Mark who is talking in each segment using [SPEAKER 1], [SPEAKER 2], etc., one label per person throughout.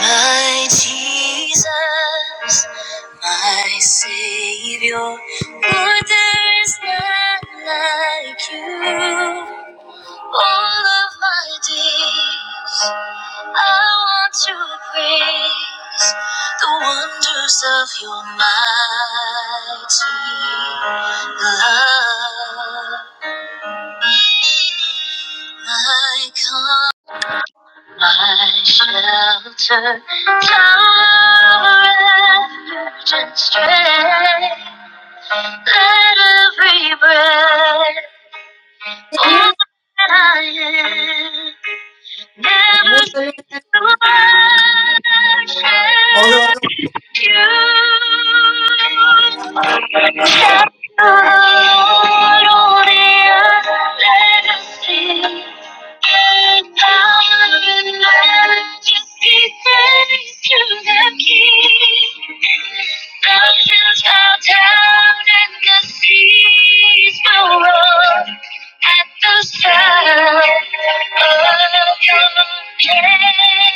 [SPEAKER 1] My Jesus, my Savior, for there is none like you. All of my days, I want to praise the wonders of your mighty love. My my shelter, tower, refuge and strength. Let every breath
[SPEAKER 2] Hello.
[SPEAKER 1] open I am. Never cease to worship you. Shout aloud the earth, let us sing. Thousand majesty praise to the King. Mountains bow down and the seas will roar. At the sound of your name,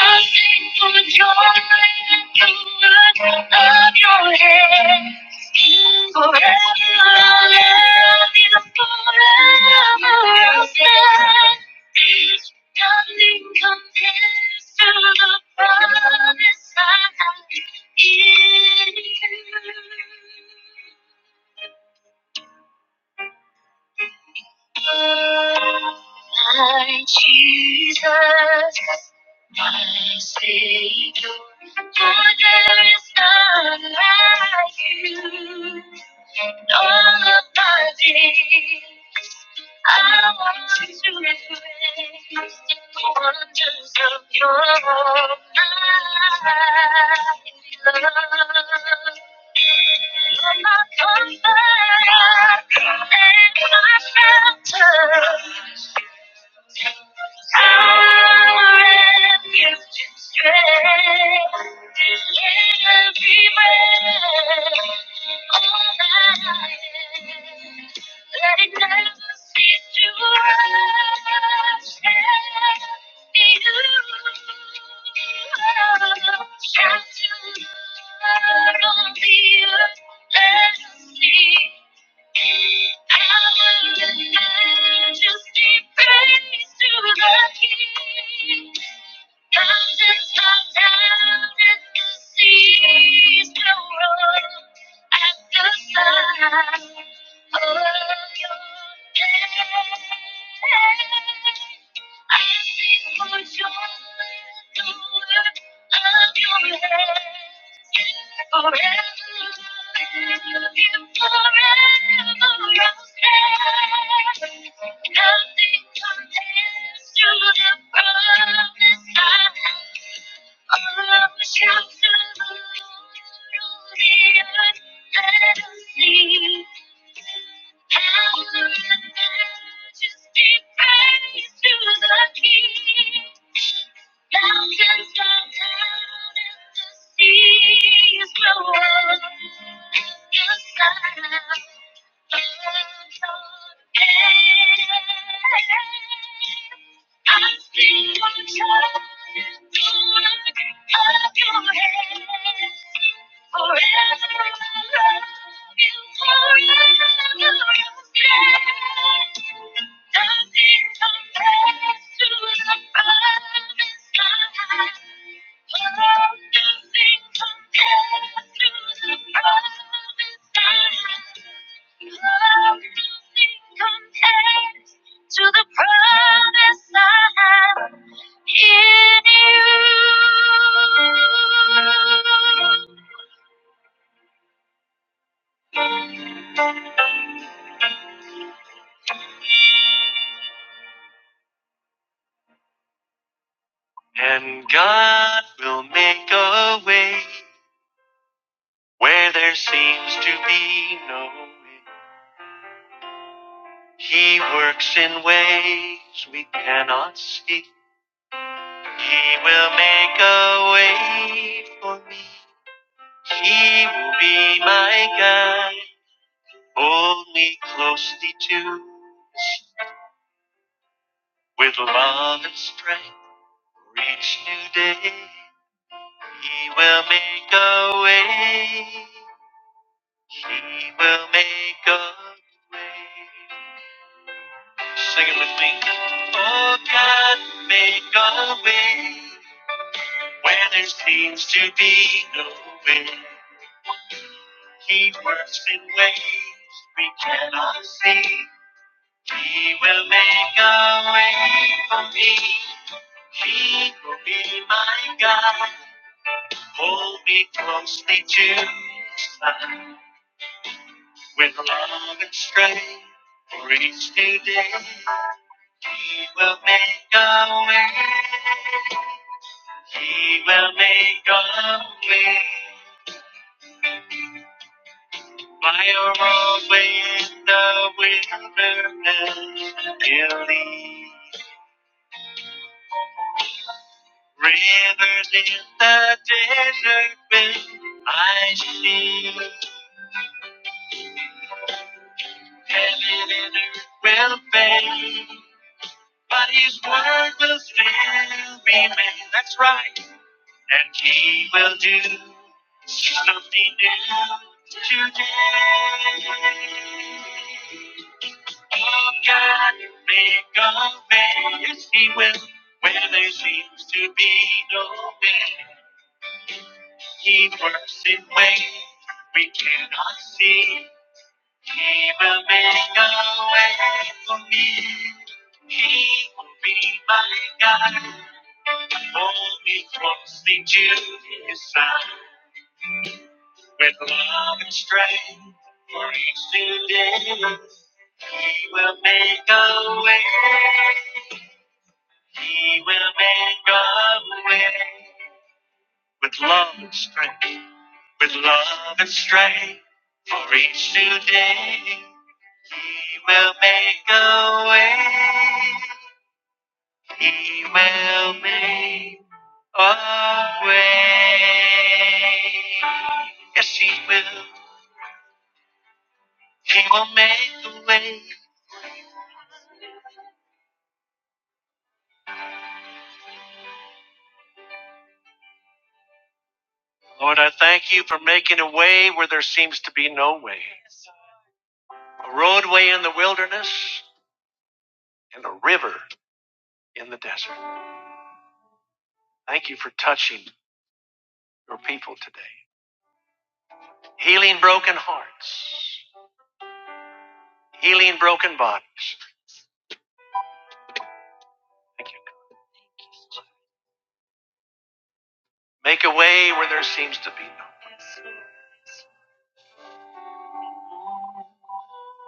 [SPEAKER 1] I sing for joy at the work of your hands. Forever I'll love you, forever I'll stand. Nothing compares to the promise I have in you. My Jesus, my Savior, for there is none like you in all of my days. I want to reflect the wonders of your love. You're my comfort and my shelter. Thank you. Joy just be praised to the King. Mountains and down, and the seas grow below. You sigh and forget. I see you turning the look of your head. Forever I love you, forever you'll stay. Nothing compares to the promise God Oh, nothing compares to the promise God Oh, nothing compares to the promise I have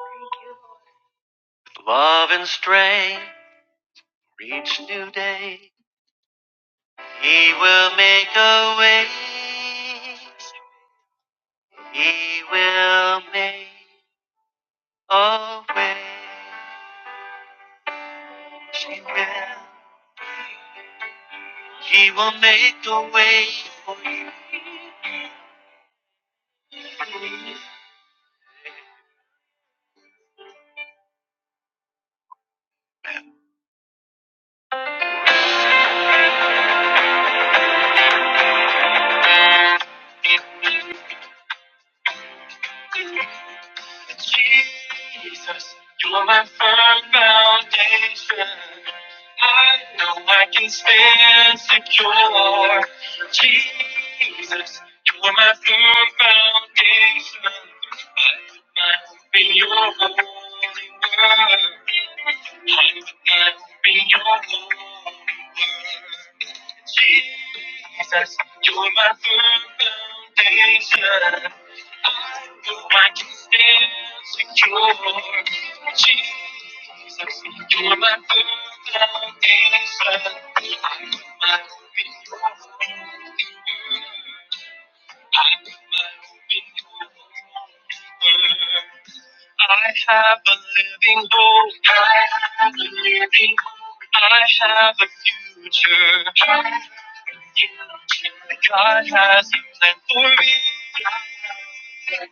[SPEAKER 1] in you. Jesus, you're my foundation. I know I can stand secure. Jesus, you're my foundation. I know I can be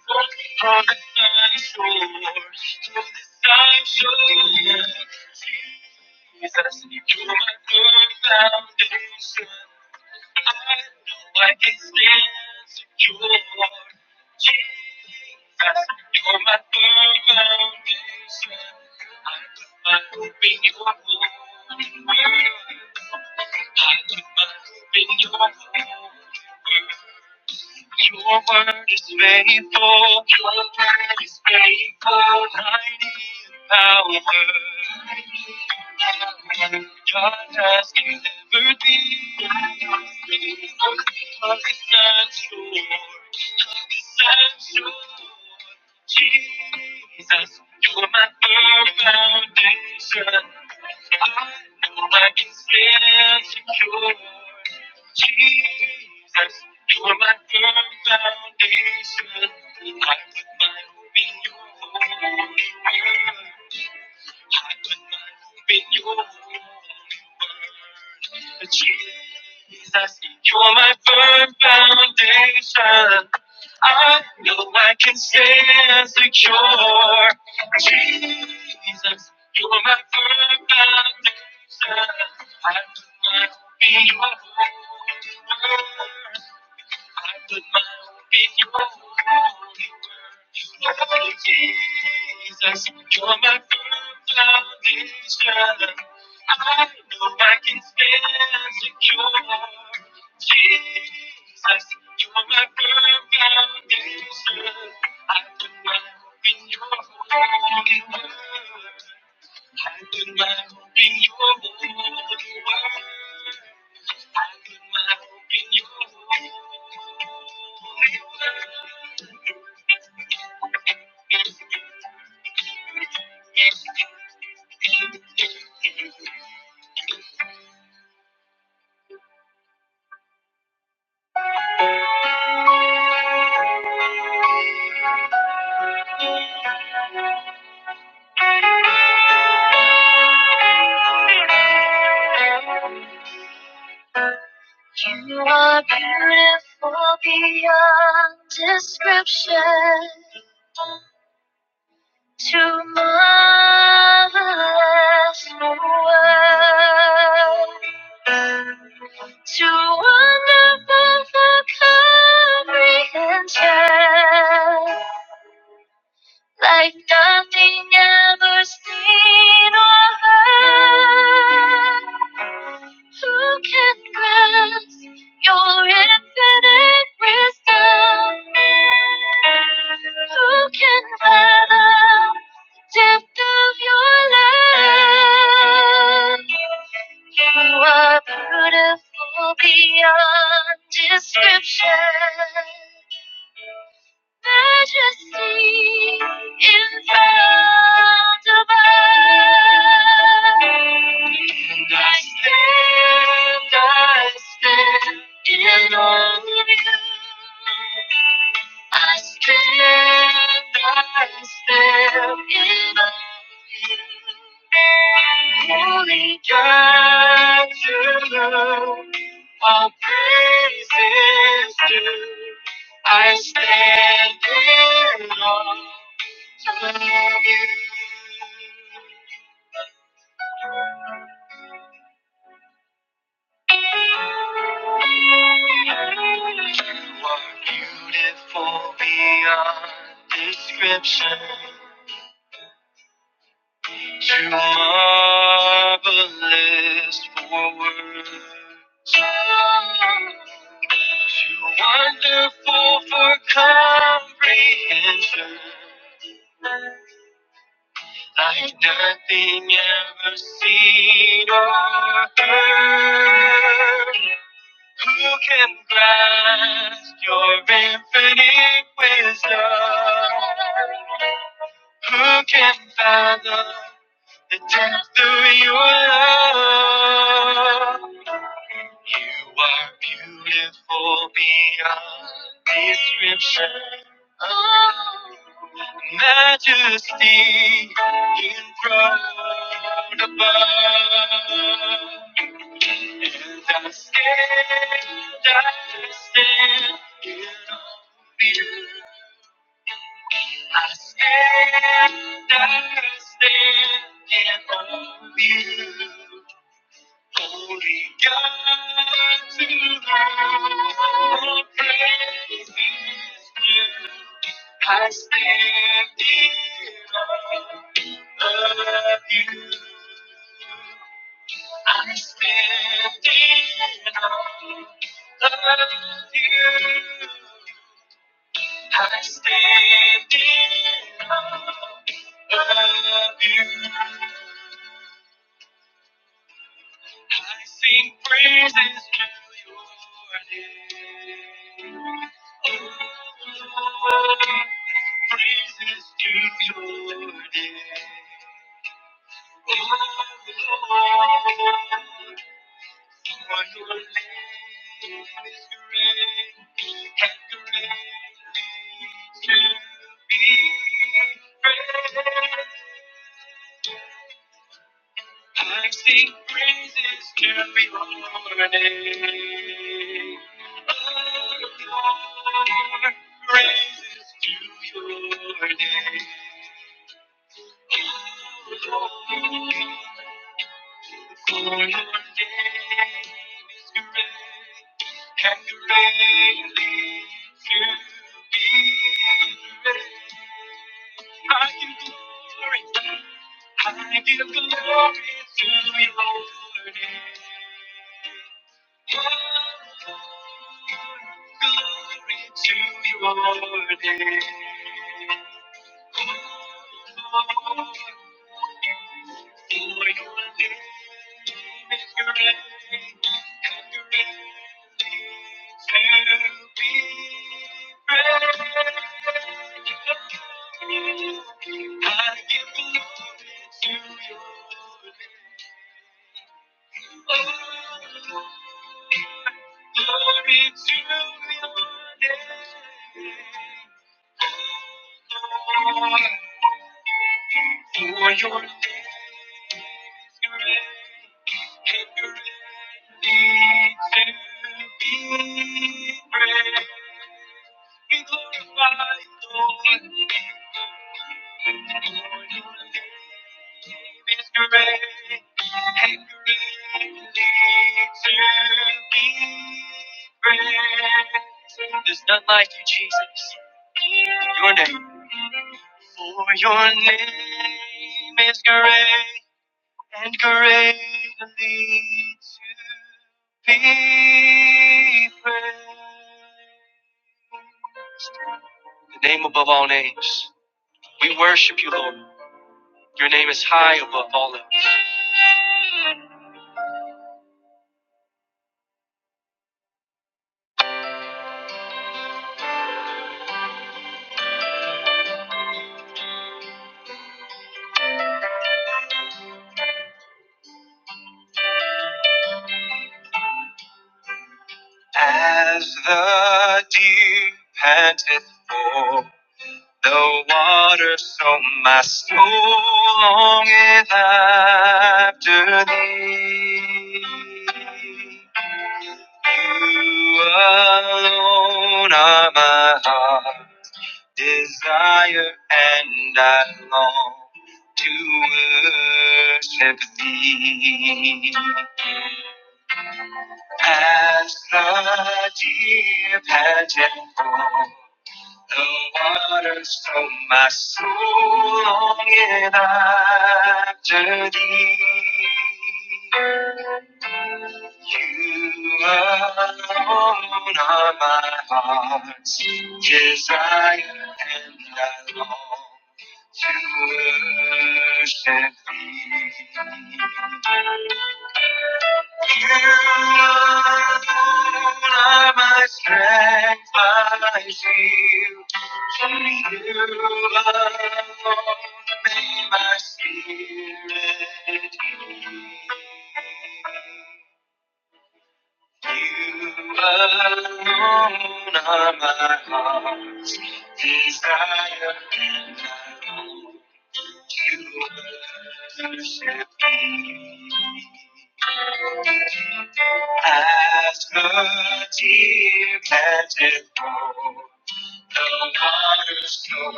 [SPEAKER 1] yours. You are beautiful beyond description. to marvelous world, to wonderful for comprehension like nothing ever seen or heard. Who can grasp your infinite wisdom? Who can fathom the depth of your love? You are beautiful beyond description majesty in front of us. And I stand, I stand in awe of you. I stand, I stand in awe of you. Holy God, to you all praises due. I stand in awe.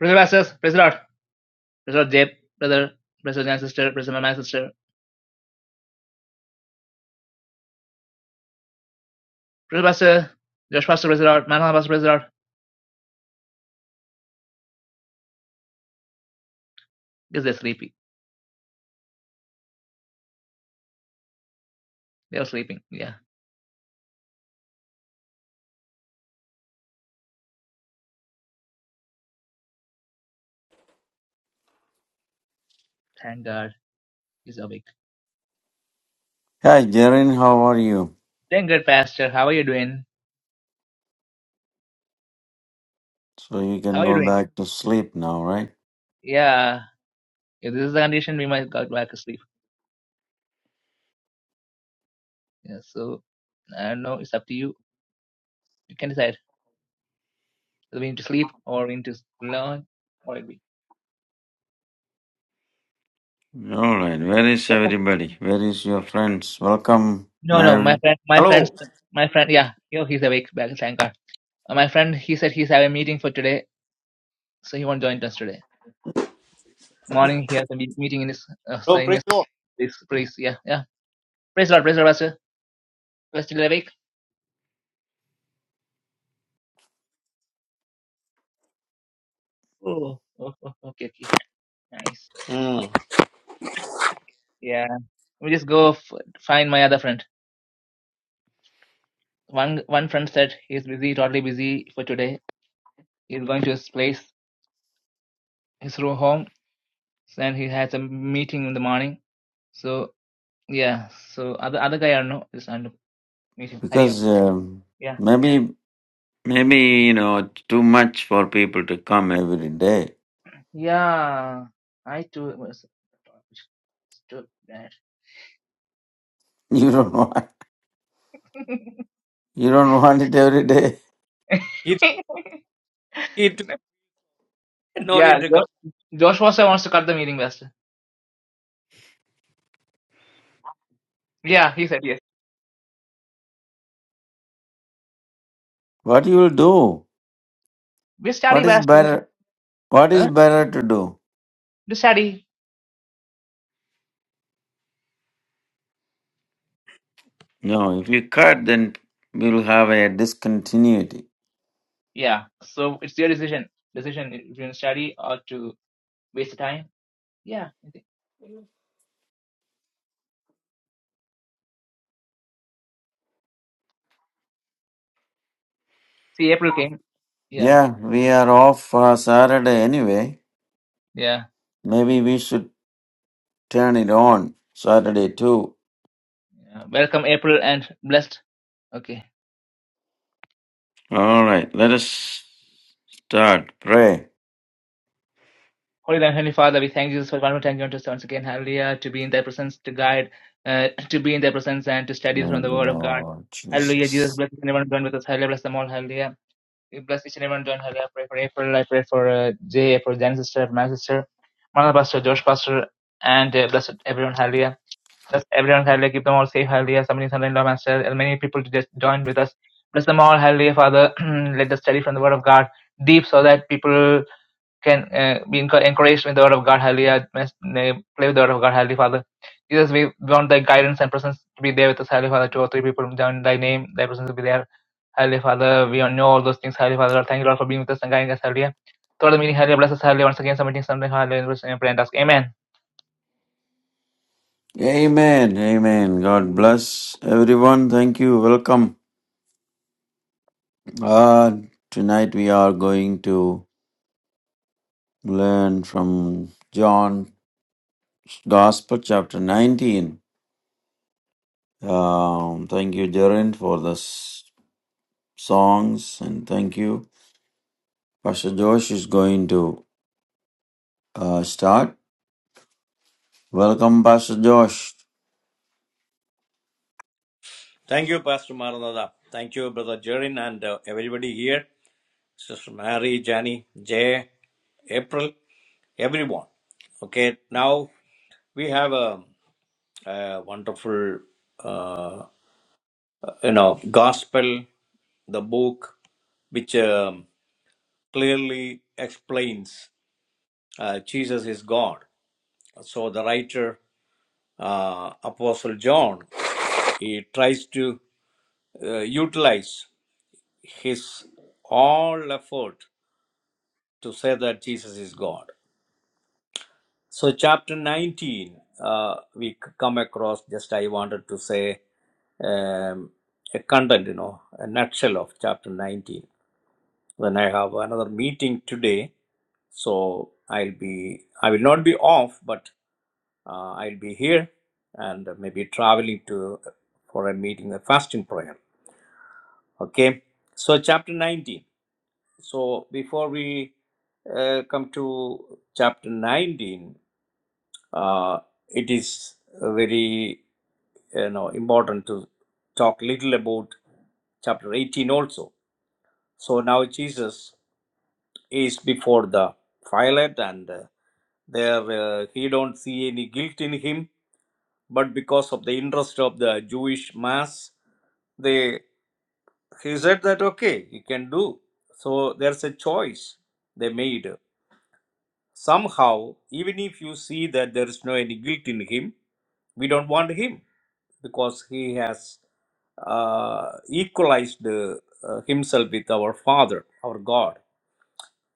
[SPEAKER 1] Brother Pastors, praise the Lord. Praise the Lord, Jay, brother, brother, and sister, praise the Lord, my sister. Brother Pastor, Josh Pastor, praise the Lord, Manana Pastor, praise the Lord. Because they're sleepy. They're sleeping. Yeah. Thank God. he's awake.
[SPEAKER 3] Hi, Jaren, how are you?
[SPEAKER 1] Doing good, Pastor. How are you doing?
[SPEAKER 3] So you
[SPEAKER 1] How
[SPEAKER 3] can
[SPEAKER 1] are you
[SPEAKER 3] go
[SPEAKER 1] doing?
[SPEAKER 3] back to sleep now, right?
[SPEAKER 1] Yeah, if this is the condition, we might go back to sleep. Yeah, so I don't know. It's up to you. You can decide. Do we need to sleep or we need to learn? What it be?
[SPEAKER 3] All right. Where is everybody? Where is your friends? Welcome,
[SPEAKER 1] No, no. My
[SPEAKER 3] Mary.
[SPEAKER 1] friend, my friends,
[SPEAKER 2] Hello,
[SPEAKER 1] my friend. Yeah, yo, he's awake. Back in Shankar. Uh, my friend, he said he's having a meeting for today, so he won't join us today. Morning, he has a me- meeting in his, uh, so in
[SPEAKER 2] praise
[SPEAKER 1] his
[SPEAKER 2] the Lord.
[SPEAKER 1] place. place. Yeah, yeah. Praise the Lord, praise the Lord, Pastor. we still awake. Oh, oh, oh, oh. okay, okay, nice.
[SPEAKER 2] Mm.
[SPEAKER 1] Yeah, let me just go f- find my other friend. One one friend said he's busy, totally busy for today. He's going to his place, his room home, and he has a meeting in the morning. So yeah, so other other guy I don't know is under meeting. Hariom.
[SPEAKER 3] Because um,
[SPEAKER 1] Yeah.
[SPEAKER 3] maybe, maybe you know, it's too much for people to come every day.
[SPEAKER 1] Yeah. I too was too bad.
[SPEAKER 3] You don't want, you don't want it every day.
[SPEAKER 2] He, he too, no need
[SPEAKER 1] yeah,
[SPEAKER 2] to come.
[SPEAKER 1] Jo- Josh also wants to cut the meeting, Master. Yeah, he said yes.
[SPEAKER 3] What you will do?
[SPEAKER 1] We study,
[SPEAKER 3] What is
[SPEAKER 1] Master.
[SPEAKER 3] better? What is
[SPEAKER 1] Huh?
[SPEAKER 3] better to do?
[SPEAKER 1] We study.
[SPEAKER 3] No, if you cut, then we'll have a discontinuity.
[SPEAKER 1] Yeah. So it's your decision. Decision if you want to study or to waste the time. Yeah. I think- See, April came. Yeah,
[SPEAKER 3] Yeah, we are off uh, Saturday anyway.
[SPEAKER 1] yeah.
[SPEAKER 3] Maybe we should turn it on Saturday too.
[SPEAKER 1] yeah. Welcome, April, and blessed. Okay.
[SPEAKER 3] All right, let us start. Pray.
[SPEAKER 1] Holy and Heavenly Father, we thank you for one more time you want us once again, hallelujah, to be in thy presence, to guide, uh, to be in thy presence and to study from
[SPEAKER 3] Thank
[SPEAKER 1] the
[SPEAKER 3] you,
[SPEAKER 1] word of God.
[SPEAKER 3] Lord
[SPEAKER 1] Hallelujah, Jesus,
[SPEAKER 3] Jesus.
[SPEAKER 1] bless each and everyone join with us, hallelujah, bless them all, hallelujah. We bless each and everyone join, hallelujah. I pray for April, I pray for uh, Jay, for Jan's sister, for my sister, Mother Pastor, Josh Pastor, and uh, bless everyone, hallelujah. us everyone hallelujah. Keep them all safe, hallelujah. Submitting Sunday law master. And many people to just join with us. Bless them all, hallelujah, Father. Let us study from the Word of God deep so that people can uh, be encour- encouraged with the Word of God, hallelujah. Must, uh, Play with the Word of God, hallelujah, Father. Jesus, we want thy guidance and presence to be there with us, hallelujah, Father. Two or three people join thy name, thy presence will be there. Hallelujah, Father. We all know all those things, hallelujah, Father. Lord, Thank you, Lord, for being with us and guiding us, hallelujah. Throughout the meeting, hallelujah, bless us, hallelujah. Once again, submitting something, hallelujah, and pray and ask, Amen.
[SPEAKER 3] Amen. Amen. God bless everyone. Thank you. Welcome. Uh, tonight we are going to learn from John's Gospel, chapter 19. Um, thank you, Jaren, for the s- songs, and thank you. Pastor Josh is going to uh, start. Welcome, Pastor Josh.
[SPEAKER 2] Thank you, Pastor Maranatha. Thank you, Brother Jerin, and uh, everybody here. Sister Mary, Jani, Jay, April, everyone. Okay, now we have a, a wonderful, uh, you know, gospel, the book, which um, clearly explains uh, Jesus is God. So the writer uh, Apostle John. He tries to uh, utilize his all effort to say that Jesus is God. So, chapter 19, uh, we c- come across just I wanted to say um, a content, you know, a nutshell of chapter 19. Then I have another meeting today, so I'll be I will not be off, but uh, I'll be here and maybe traveling to uh, for a meeting, a fasting prayer. Okay, so chapter 19. So before we uh, come to chapter 19, uh, it is very you know important to talk little about chapter 18 also. So now Jesus is before the Pilate, and uh, there uh, he don't see any guilt in him, but because of the interest of the Jewish mass, they. He said that, okay, you can do. So there's a choice they made. Somehow, even if you see that there is no any guilt in him, we don't want him because he has uh, equalized uh, uh, himself with our Father, our God.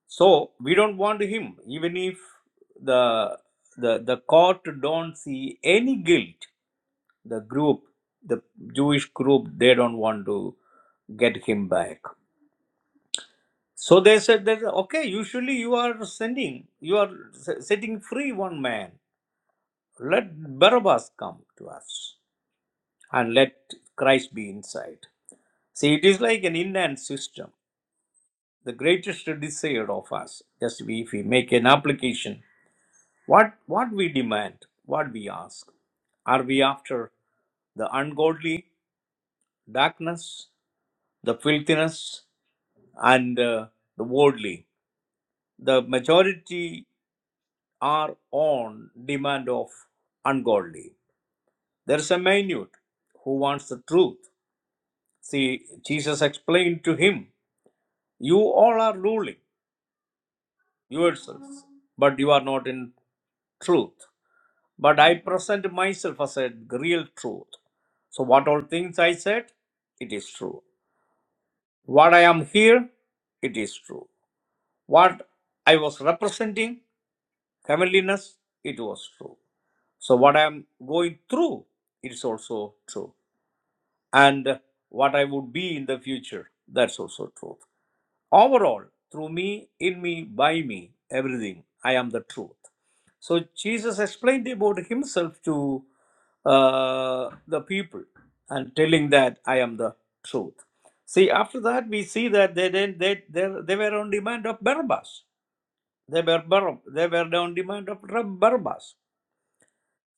[SPEAKER 2] So we don't want him, even if the the the court don't see any guilt. The group, the Jewish group, they don't want to get him back. So they said that, okay, usually you are sending, you are se- setting free one man. Let Barabbas come to us and let Christ be inside. See, it is like an inland system. The greatest desire of us, just we, if we make an application, what, what we demand, what we ask. Are we after the ungodly, darkness, the filthiness, and uh, the worldly? The majority are on demand of ungodly. There is a minute who wants the truth. See, Jesus explained to him, You all are ruling yourselves, but you are not in truth. But I present myself as a real truth. So, what all things I said, it is true. What I am here, it is true. What I was representing, heavenliness, it was true. So, what I am going through, it is also true. and what I would be in the future. That's also truth. Overall, through me, in me, by me, everything, I am the truth. So Jesus explained about himself to uh, the people and telling that I am the truth. See, after that, we see that they didn't, they, they, they were on demand of Barabbas. They were, Bar- they were on demand of Rab- Barabbas.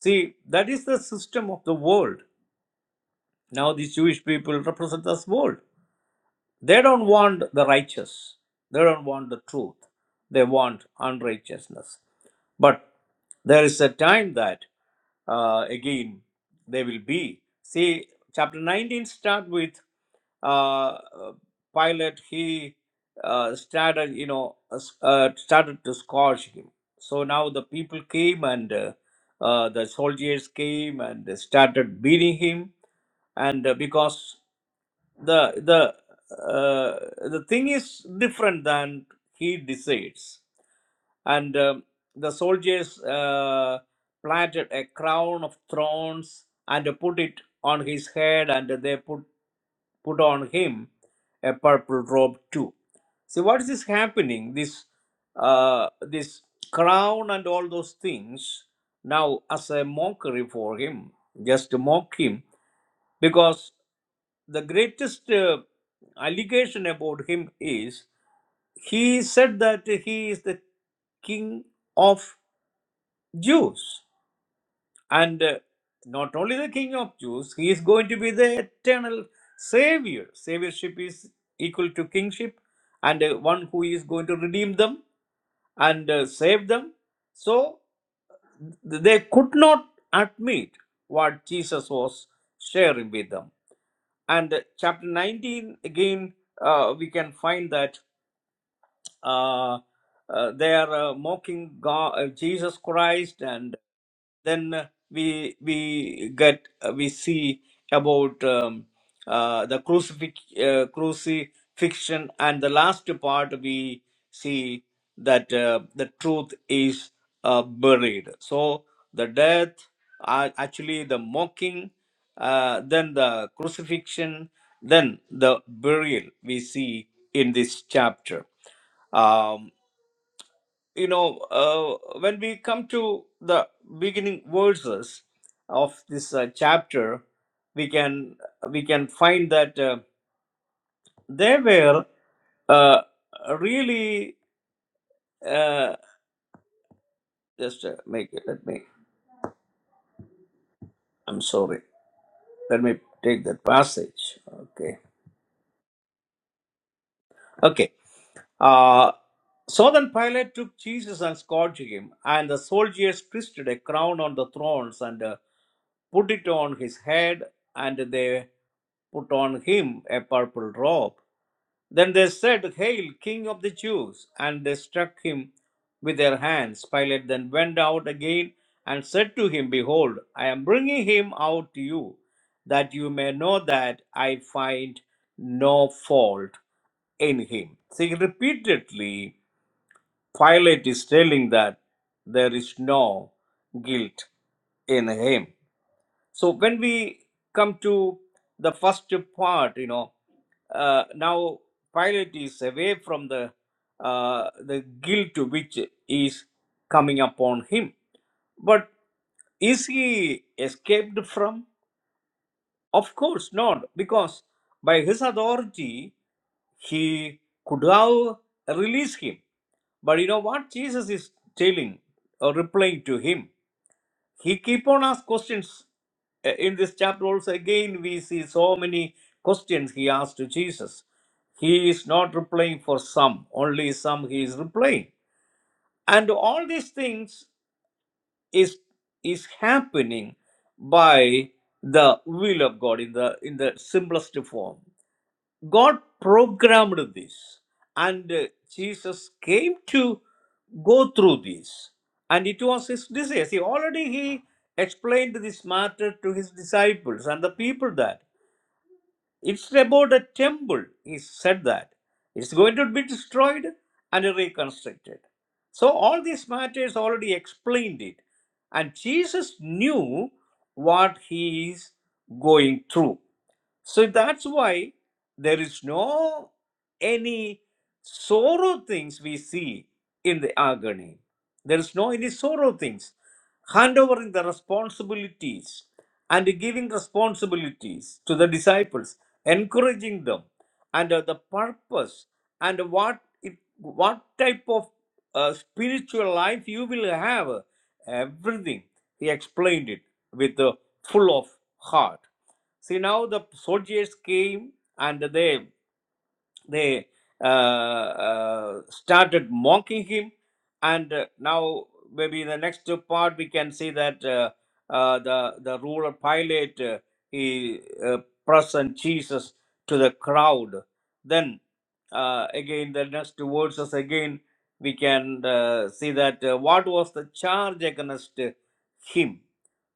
[SPEAKER 2] See, that is the system of the world. Now, these Jewish people represent this world. They don't want the righteous. They don't want the truth. They want unrighteousness. But there is a time that uh, again they will be. See, chapter 19 start with uh, Pilate. He uh, started, you know, uh, started to scourge him. So now the people came and uh, uh, the soldiers came and started beating him and uh, because the the uh, the thing is different than he decides and um, the soldiers uh, planted a crown of thorns and put it on his head and they put put on him a purple robe too see what is this happening this uh, this crown and all those things now as a mockery for him just to mock him because the greatest uh, allegation about him is he said that he is the king of Jews. And uh, not only the king of Jews, he is going to be the eternal savior. Saviorship is equal to kingship, and uh, one who is going to redeem them and uh, save them. So th- they could not admit what Jesus was sharing with them And chapter 19, again, uh, we can find that uh, uh, they are uh, mocking God, uh, Jesus Christ, and then uh, we we get uh, we see about um, uh, the crucifix, uh, crucifixion, and the last part we see that uh, the truth is uh, buried. So the death, uh, actually the mocking, uh, then the crucifixion, then the burial we see in this chapter um, you know uh, when we come to the beginning verses of this uh, chapter we can we can find that uh, they were uh, really uh, just uh, make it let me i'm sorry let me take that passage okay okay uh, so then Pilate took Jesus and scourged him, and the soldiers twisted a crown on the thrones and uh, put it on his head, and they put on him a purple robe. Then they said, Hail, King of the Jews! And they struck him with their hands. Pilate then went out again and said to him, Behold, I am bringing him out to you, that you may know that I find no fault in him. See, repeatedly, Pilate is telling that there is no guilt in him. So when we come to the first part, you know, uh, now Pilate is away from the uh, the guilt which is coming upon him. But is he escaped from? Of course not, because by his authority he could have released him. But you know what Jesus is telling or replying to him? He keep on ask questions. Uh, In this chapter also again we see so many questions he asked to Jesus. He is not replying for some, only some he is replying. And all these things is is happening by the will of God in the in the simplest form. God programmed this, and uh, Jesus came to go through this, and it was his desire. See, already he explained this matter to his disciples and the people that it's about a temple. He said that it's going to be destroyed and reconstructed. So all these matters already explained it, and Jesus knew what he is going through. So that's why there is no any sorrow things we see in the agony. There is no any sorrow things. Hand the responsibilities and giving responsibilities to the disciples, encouraging them, and uh, the purpose and what it, what type of uh, spiritual life you will have. Everything he explained it with the full of heart. See, now the soldiers came and they they uh, uh, started mocking him. And uh, now, maybe in the next part, we can see that uh, uh, the, the ruler Pilate, uh, he uh, present Jesus to the crowd. Then, uh, again, the next verses, again, we can uh, see that uh, what was the charge against him.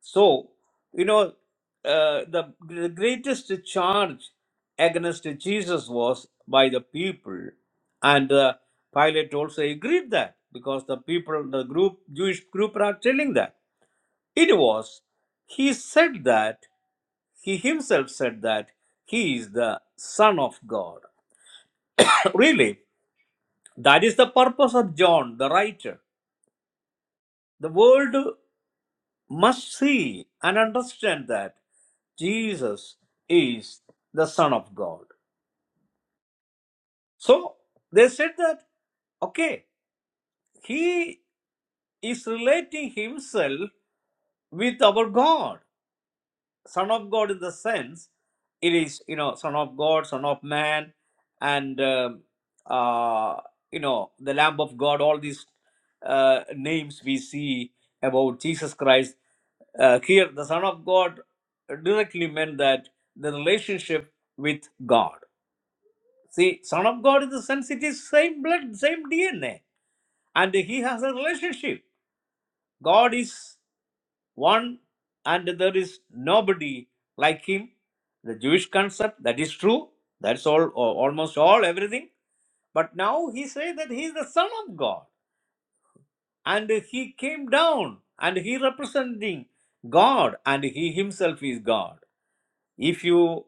[SPEAKER 2] So, you know, uh, the, the greatest charge against Jesus was by the people. And uh, Pilate also agreed that because the people, the group, Jewish group are telling that. It was, he said that, he himself said that he is the Son of God. really, that is the purpose of John, the writer. The world must see and understand that Jesus is the Son of God. So they said that, okay, He is relating himself with our God. Son of God in the sense it is, you know, Son of God, Son of Man, and, um, uh, you know, the Lamb of God, all these uh, names we see about Jesus Christ. Uh, here, the Son of God directly meant that the relationship with God. See, Son of God in the sense it is same blood, same DNA, and He has a relationship. God is one and there is nobody like him. The Jewish concept, that is true. That's all, or almost all, everything. But now he says that he is the Son of God. And he came down and he representing God and he himself is God if you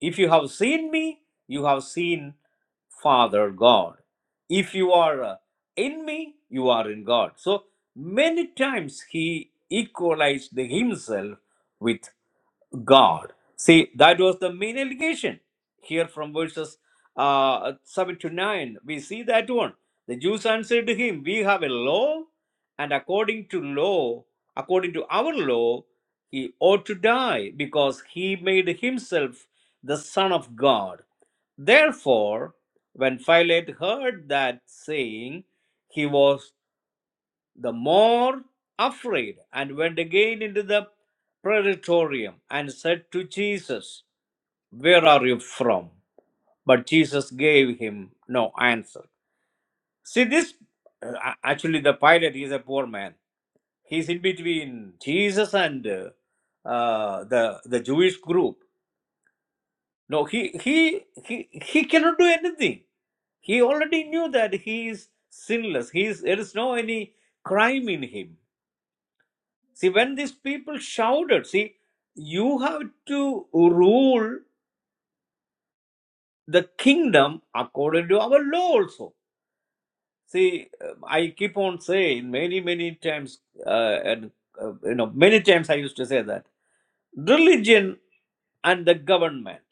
[SPEAKER 2] if you have seen me you have seen father god if you are uh, in me you are in god so many times he equalized himself with. God. See, that was the main allegation here from verses uh, 7 to 9. We see that one. The Jews answered to him, We have a law, and according to law, according to our law, he ought to die because he made himself the Son of God. Therefore, when Pilate heard that saying, he was the more afraid, and went again into the praetorium and said to Jesus, Where are you from? But Jesus gave him no answer. See, this uh, actually, the pilot is a poor man. He's in between Jesus and uh, uh, the, the Jewish group. No, he, he, he, he cannot do anything. He already knew that he is sinless. He is, there is no any crime in him See, when these people shouted, see, you have to rule the kingdom according to our law also. See, uh, I keep on saying many, many times, uh, and uh, you know, many times I used to say that religion and the government,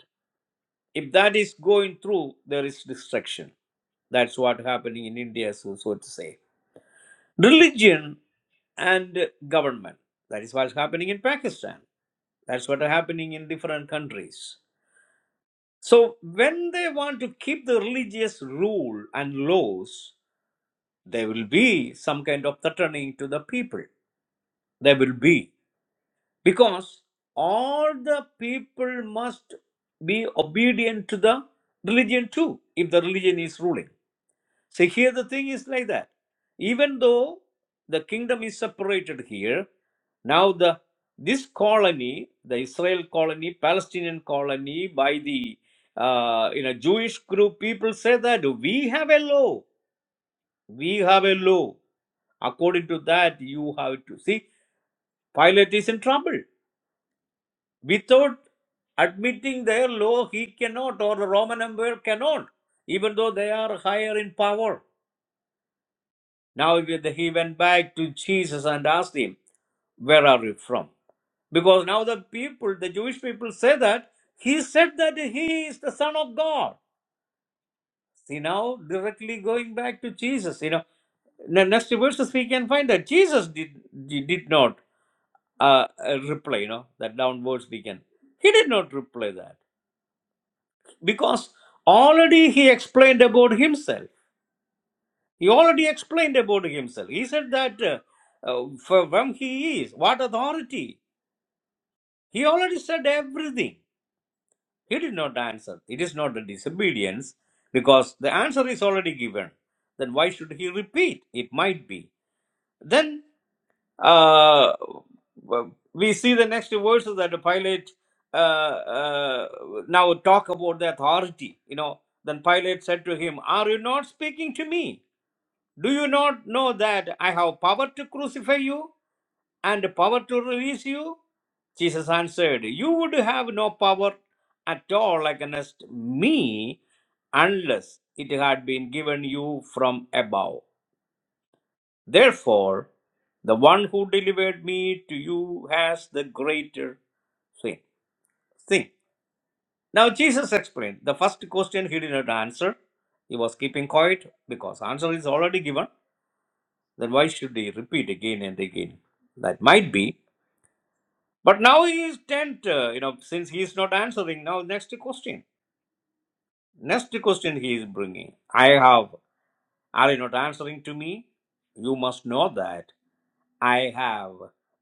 [SPEAKER 2] if that is going through, there is destruction. That's what happening in India, so, so to say. Religion and government. That is what's happening in Pakistan. That's what are happening in different countries. So when they want to keep the religious rule and laws, there will be some kind of threatening to the people. There will be. Because all the people must be obedient to the religion too, if the religion is ruling. So here the thing is like that. Even though the kingdom is separated here, now the this colony, the Israel colony, Palestinian colony, by the uh, you know Jewish group, people say that we have a law, we have a law. According to that, you have to see. Pilate is in trouble. Without admitting their law, he cannot, or the Roman Empire cannot, even though they are higher in power Now he went back to Jesus and asked him, Where are you from? Because now the people, the Jewish people say that he said that he is the Son of God. See, now directly going back to Jesus. You know, the next verses we can find that Jesus did did did not uh, uh, reply, you know, that downwards we can. He did not reply that because already he explained about himself. He already explained about himself. He said that uh, uh, from whom he is, what authority He already said everything. He did not answer. It is not a disobedience because the answer is already given. Then why should he repeat? It might be. Then uh, well, we see the next verses that Pilate uh, uh, now talk about the authority. You know, then Pilate said to him, "Are you not speaking to me? Do you not know that I have power to crucify you?" and power to release you? Jesus answered, You would have no power at all against me unless it had been given you from above. Therefore, the one who delivered me to you has the greater thing. thing. Now, Jesus explained the first question he did not answer. He was keeping quiet because answer is already given. Then why should he repeat again and again? That might be. But now he is tent, uh, you know, since he is not answering, now next question. Next question he is bringing. I have, are you not answering to me? You must know that I have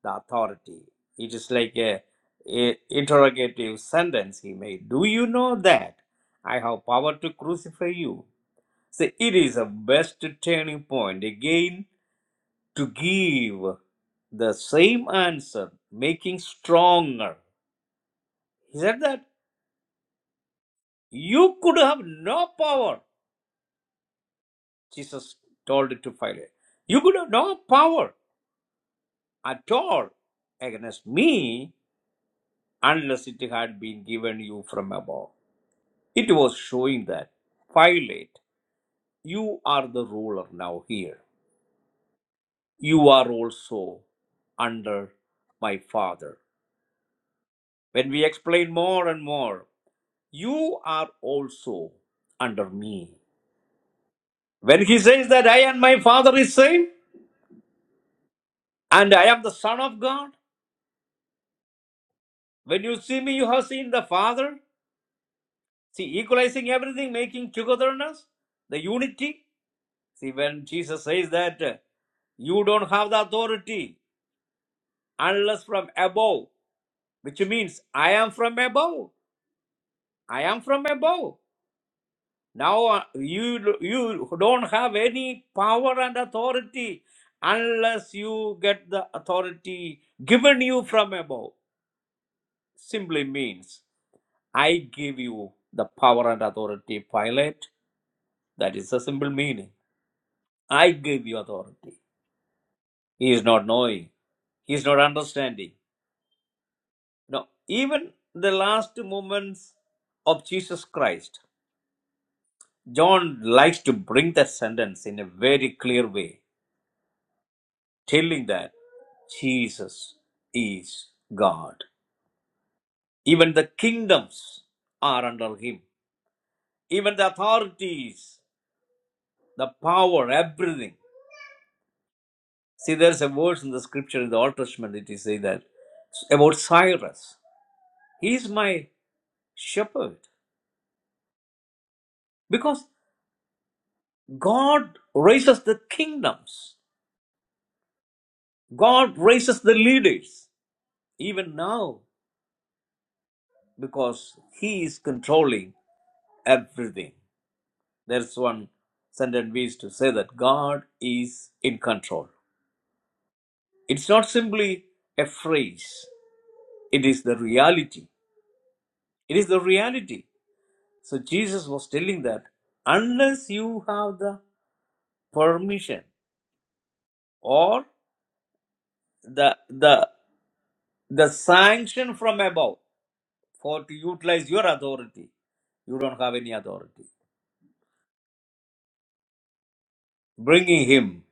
[SPEAKER 2] the authority. It is like a, a interrogative sentence he made. Do you know that I have power to crucify you? So it is a best turning point again to give the same answer, making stronger. He said that. You could have no power, Jesus told it to Pilate. You could have no power at all against me unless it had been given you from above. It was showing that, Pilate, you are the ruler now here. You are also under my Father. When we explain more and more, you are also under me. When he says that I and my Father is same, and I am the Son of God, When you see me, you have seen the Father. See, equalizing everything, making togetherness, the unity. See, when Jesus says that uh, you don't have the authority unless from above, which means I am from above. I am from above. Now uh, you you don't have any power and authority unless you get the authority given you from above. Simply means I give you the power and authority, Pilate. That is the simple meaning. I gave you authority. He is not knowing. He is not understanding. No, even the last moments of Jesus Christ, John likes to bring that sentence in a very clear way, telling that Jesus is God. Even the kingdoms are under him. Even the authorities, the power, everything. See, there's a verse in the scripture in the Old Testament, it is said that about Cyrus. He is my shepherd. Because God raises the kingdoms, God raises the leaders, even now, because He is controlling everything. There's one sentence we used to say that God is in control. It's not simply a phrase, it is the reality. It is the reality. So Jesus was telling that unless you have the permission or the the The sanction from above for to utilize your authority. You don't have any authority. Bringing him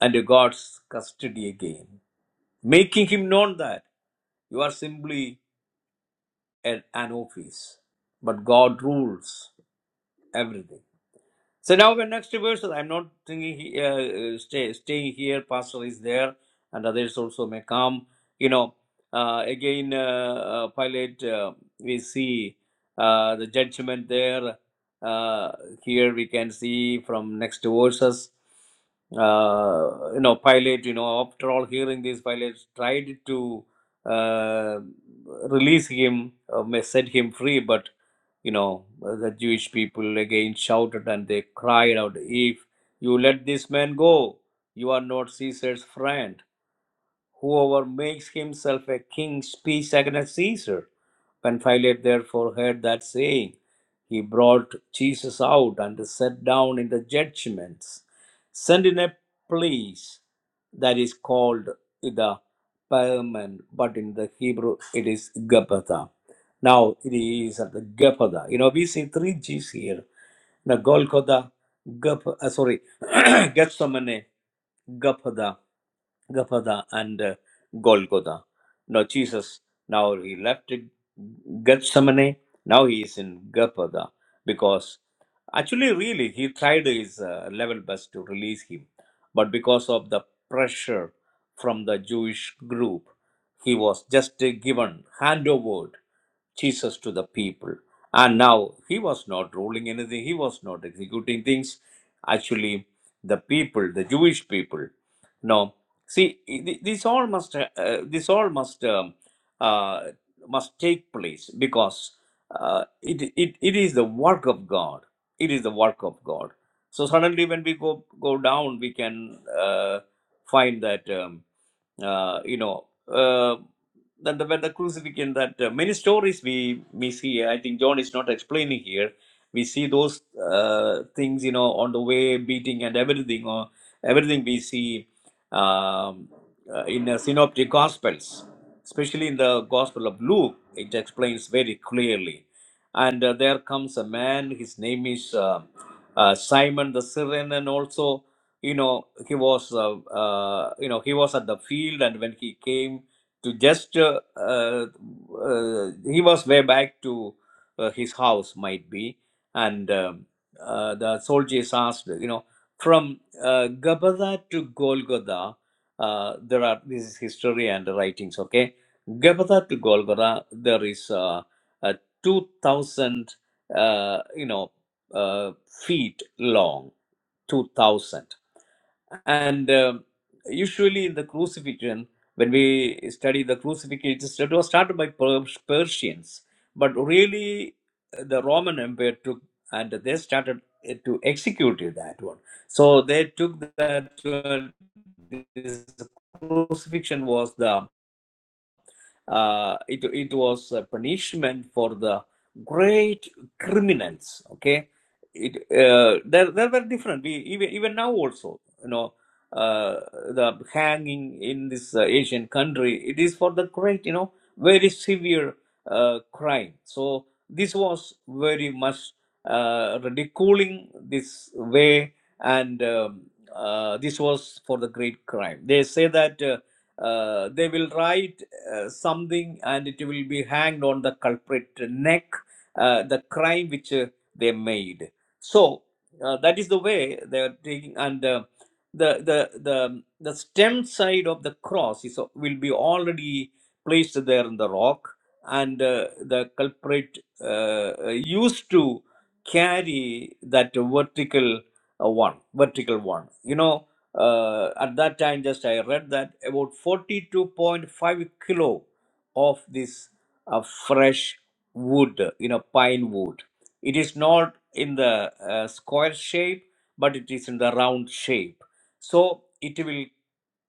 [SPEAKER 2] under God's custody again, making him known that you are simply an an office, but God rules everything. So now when next reversal, I'm not thinking he, uh, uh, stay, staying here. Pastor is there, and others also may come. You know, uh, again, uh, uh, Pilate, uh, we see uh, the judgment there. Uh, here we can see from next verses. Uh, you know, Pilate. You know, after all hearing this, Pilate tried to uh, release him, uh, may set him free, but you know, uh, the Jewish people again shouted and they cried out, If you let this man go, you are not Caesar's friend. Whoever makes himself a king speaks against Caesar. When Pilate therefore heard that saying, he brought Jesus out and sat down in the judgments, sent in a place that is called the Palman, but in the Hebrew it is Gabbatha now it is at the Gepatha. You know, we see three G's here. Now Golgotha, Gep, uh, sorry, Gethsemane, Gepatha, Gepatha, and uh, Golgotha. Now Jesus, now he left Gethsemane. Now he is in Gepatha because actually, really, he tried his uh, level best to release him, but because of the pressure from the Jewish group, he was just uh, given handover Jesus to the people. And now he was not ruling anything, he was not executing things. Actually, the people, the Jewish people, no. See, th- this all must, uh, this all must, um, uh, must take place because uh, it, it, it is the work of God. It is the work of God. So suddenly, when we go go down, we can uh, find that. Um, uh, you know, uh, then the, when the crucifixion, that uh, many stories we we see, I think John is not explaining here. We see those uh, things, you know, on the way, beating and everything, or everything we see um, uh, in the synoptic gospels, especially in the Gospel of Luke, it explains very clearly. And uh, there comes a man, his name is uh, uh, Simon the Syrian, and also you know he was uh, uh, you know he was at the field and when he came to just uh, uh, uh, he was way back to uh, his house might be and um, uh, the soldiers asked you know from uh, Gabada to Golgotha uh, there are this is history and writings okay Gabada to Golgotha there is uh, a 2000 uh, you know uh, feet long 2000 and um, usually in the crucifixion, when we study the crucifixion, it is- it was started by Per- Persians, but really uh, the Roman Empire took and they started uh, to execute it, that one. So they took that uh, this crucifixion was the uh, it, it was a punishment for the great criminals okay it uh, there, there were different we, even even now also you know uh, the hanging in this uh, asian country it is for the great you know very severe uh, crime so this was very much uh, ridiculing this way and um, uh, this was for the great crime they say that uh, uh, they will write uh, something and it will be hanged on the culprit neck, uh, the crime which uh, they made. So uh, that is the way they are taking, and uh, the, the, the, the stem side of the cross is, uh, will be already placed there in the rock, and uh, the culprit uh, used to carry that vertical uh, one, vertical one. You know, uh, at that time just i read that about 42.5 kilo of this uh, fresh wood you know pine wood it is not in the uh, square shape but it is in the round shape so it will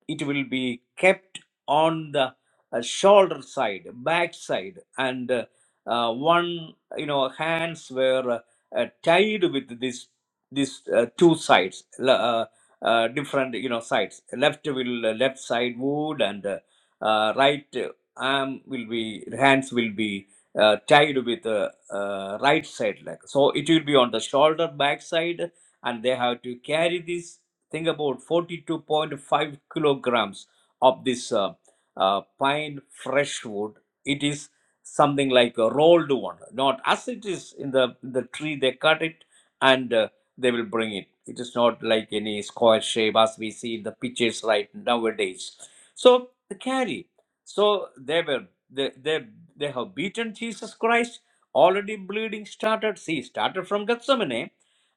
[SPEAKER 2] it will be kept on the uh, shoulder side back side and uh, uh, one you know hands were uh, uh, tied with this this uh, two sides uh, different you know sides left will uh, left side wood and uh, uh, right uh, arm will be hands will be uh, tied with uh, uh, right side leg so it will be on the shoulder back side and they have to carry this think about 42.5 kilograms of this uh, uh, pine fresh wood it is something like a rolled one not as it is in the the tree they cut it and. uh, they will bring it. It is not like any square shape as we see in the pictures right nowadays. So the carry. So they were they they, they have beaten Jesus Christ. Already bleeding started. See, started from Gethsemane,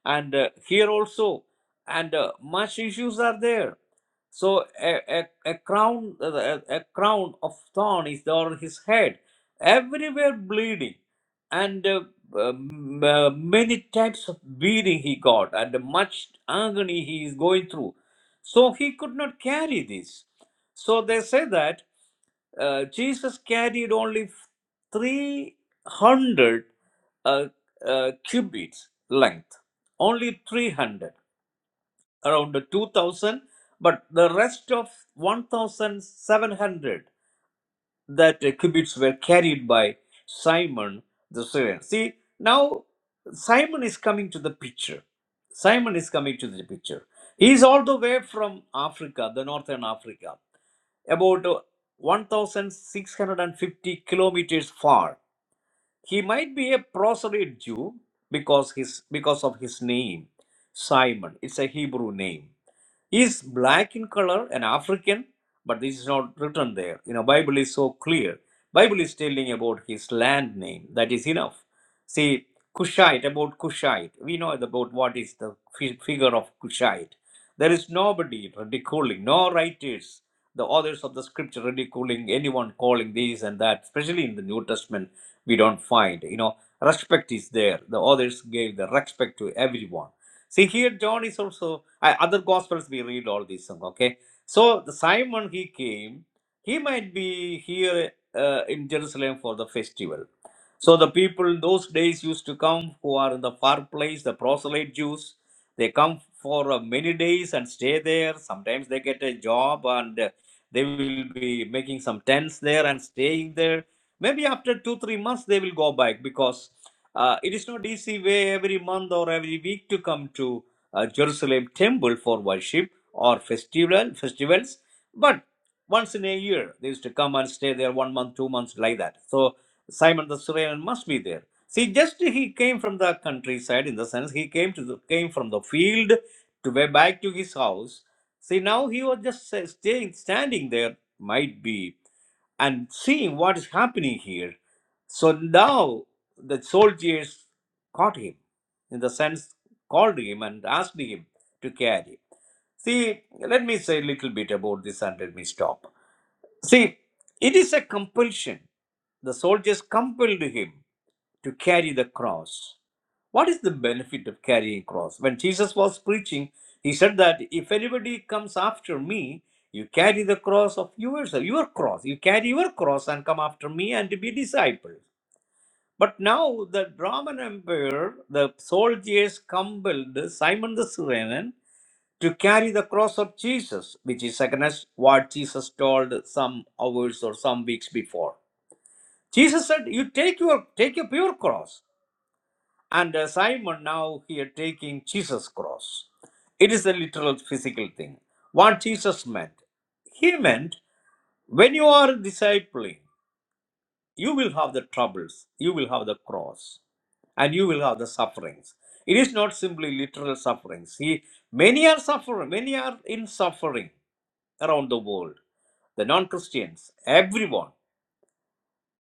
[SPEAKER 2] and uh, here also, and uh, much issues are there. So a, a, a crown uh, a, a crown of thorn is on his head. Everywhere bleeding, and uh, um, uh, many types of beating he got and much agony he is going through. So he could not carry this. So they say that uh, Jesus carried only 300 uh, uh, cubits length, only 300, around 2000, but the rest of 1700 that uh, cubits were carried by Simon the Syrian. See, now Simon is coming to the picture. Simon is coming to the picture. He is all the way from Africa, the northern Africa, about uh, 1,650 kilometers far. He might be a proselyte Jew because his because of his name, Simon. It's a Hebrew name is black in color and african but this is not written there you know bible is so clear bible is telling about his land name that is enough see cushite about cushite we know about what is the fi- figure of cushite there is nobody ridiculing no writers the authors of the scripture ridiculing anyone calling these and that especially in the new testament we don't find you know respect is there the authors gave the respect to everyone See here, John is also uh, other gospels. We read all these things. Okay, so the Simon he came. He might be here uh, in Jerusalem for the festival. So the people in those days used to come who are in the far place, the proselyte Jews. They come for uh, many days and stay there. Sometimes they get a job and uh, they will be making some tents there and staying there. Maybe after two three months they will go back because uh, it is not easy way every month or every week to come to uh, Jerusalem temple for worship or festival festivals, but once in a year they used to come and stay there one month, two months like that. So Simon the Syrian must be there. See, just he came from the countryside in the sense he came to the, came from the field to way back to his house. See, now he was just uh, staying standing there. Might be and seeing what is happening here. So now the soldiers caught him, in the sense, called him and asked him to carry. See, let me say a little bit about this and let me stop. See, it is a compulsion. The soldiers compelled him to carry the cross. What is the benefit of carrying cross? When Jesus was preaching, he said that if anybody comes after me, you carry the cross of yourself, your cross. You carry your cross and come after me and be disciples. But now the Roman Empire, the soldiers compelled Simon the Cyrenian to carry the cross of Jesus, which is against what Jesus told some hours or some weeks before. Jesus said, "You take your take up your cross." And uh, Simon now here taking Jesus' cross. It is a literal physical thing. What Jesus meant, he meant when you are discipling, you will have the troubles, you will have the cross, and you will have the sufferings. It is not simply literal sufferings. See, many are suffering, many are in suffering around the world. The non Christians, everyone.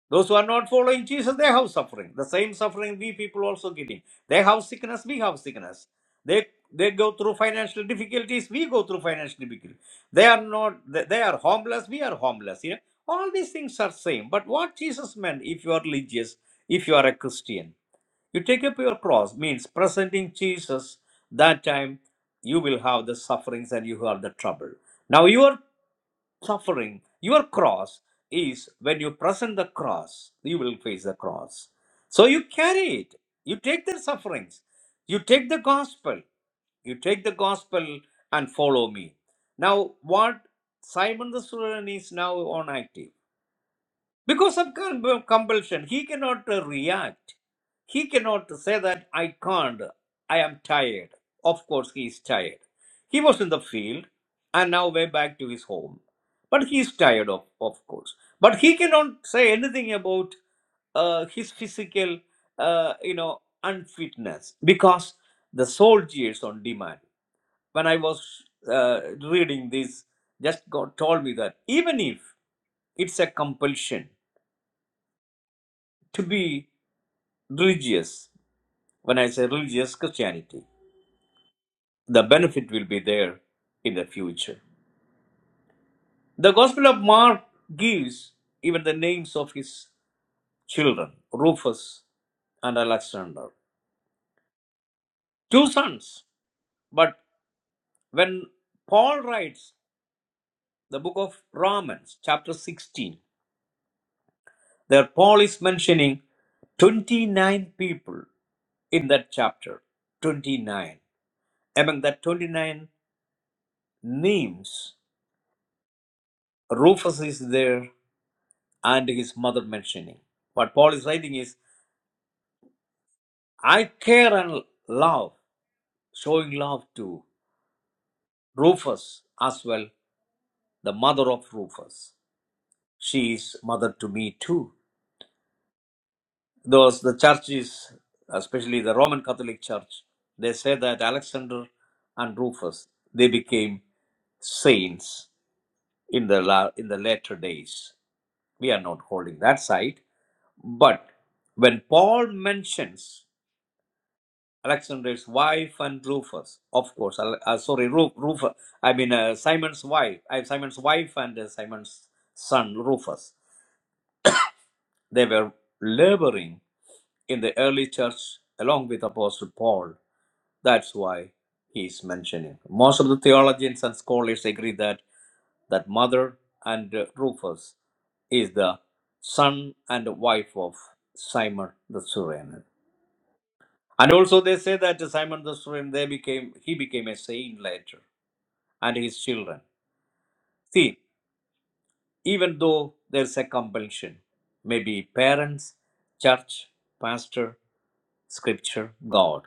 [SPEAKER 2] Those who are not following Jesus, they have suffering. The same suffering we people also getting. They have sickness, we have sickness. They they go through financial difficulties, we go through financial difficulties. They are not they, they are homeless, we are homeless. You know, all these things are same. But what Jesus meant, if you are religious, if you are a Christian, you take up your cross means presenting Jesus. That time you will have the sufferings and you will have the trouble. Now your suffering your cross is when you present the cross you will face the cross so you carry it you take the sufferings you take the gospel you take the gospel and follow me now what simon the Cyrene is now on active because of com- compulsion, he cannot uh, react. He cannot say that I can't, I am tired. Of course, he is tired. He was in the field and now way back to his home. But he is tired, of, of course. But he cannot say anything about uh, his physical, uh, you know, unfitness because the soldiers on demand. When I was uh, reading this, just God told me that even if it's a compulsion, to be religious. When I say religious Christianity, the benefit will be there in the future. The Gospel of Mark gives even the names of his children, Rufus and Alexander, two sons. But when Paul writes the book of Romans, chapter 16, there Paul is mentioning 29 people in that chapter. 29. Among the 29 names, Rufus is there and his mother mentioning. What Paul is writing is, I care and love, showing love to Rufus as well, the mother of Rufus. She is mother to me too. Those the churches, especially the Roman Catholic Church, they say that Alexander and Rufus they became saints in the la- in the later days. We are not holding that side, but when Paul mentions Alexander's wife and Rufus, of course. Al- uh, sorry, Ru- Rufus. I mean uh, Simon's wife. I Simon's wife and uh, Simon's son Rufus. They were laboring in the early church along with Apostle Paul. That's why he is mentioning. Most of the theologians and scholars agree that that mother and uh, Rufus is the son and wife of Simon the Syrian. And also they say that Simon the Syrian, they became he became a saint later, and his children. See, even though there's a compulsion, maybe parents, church, pastor, scripture, God,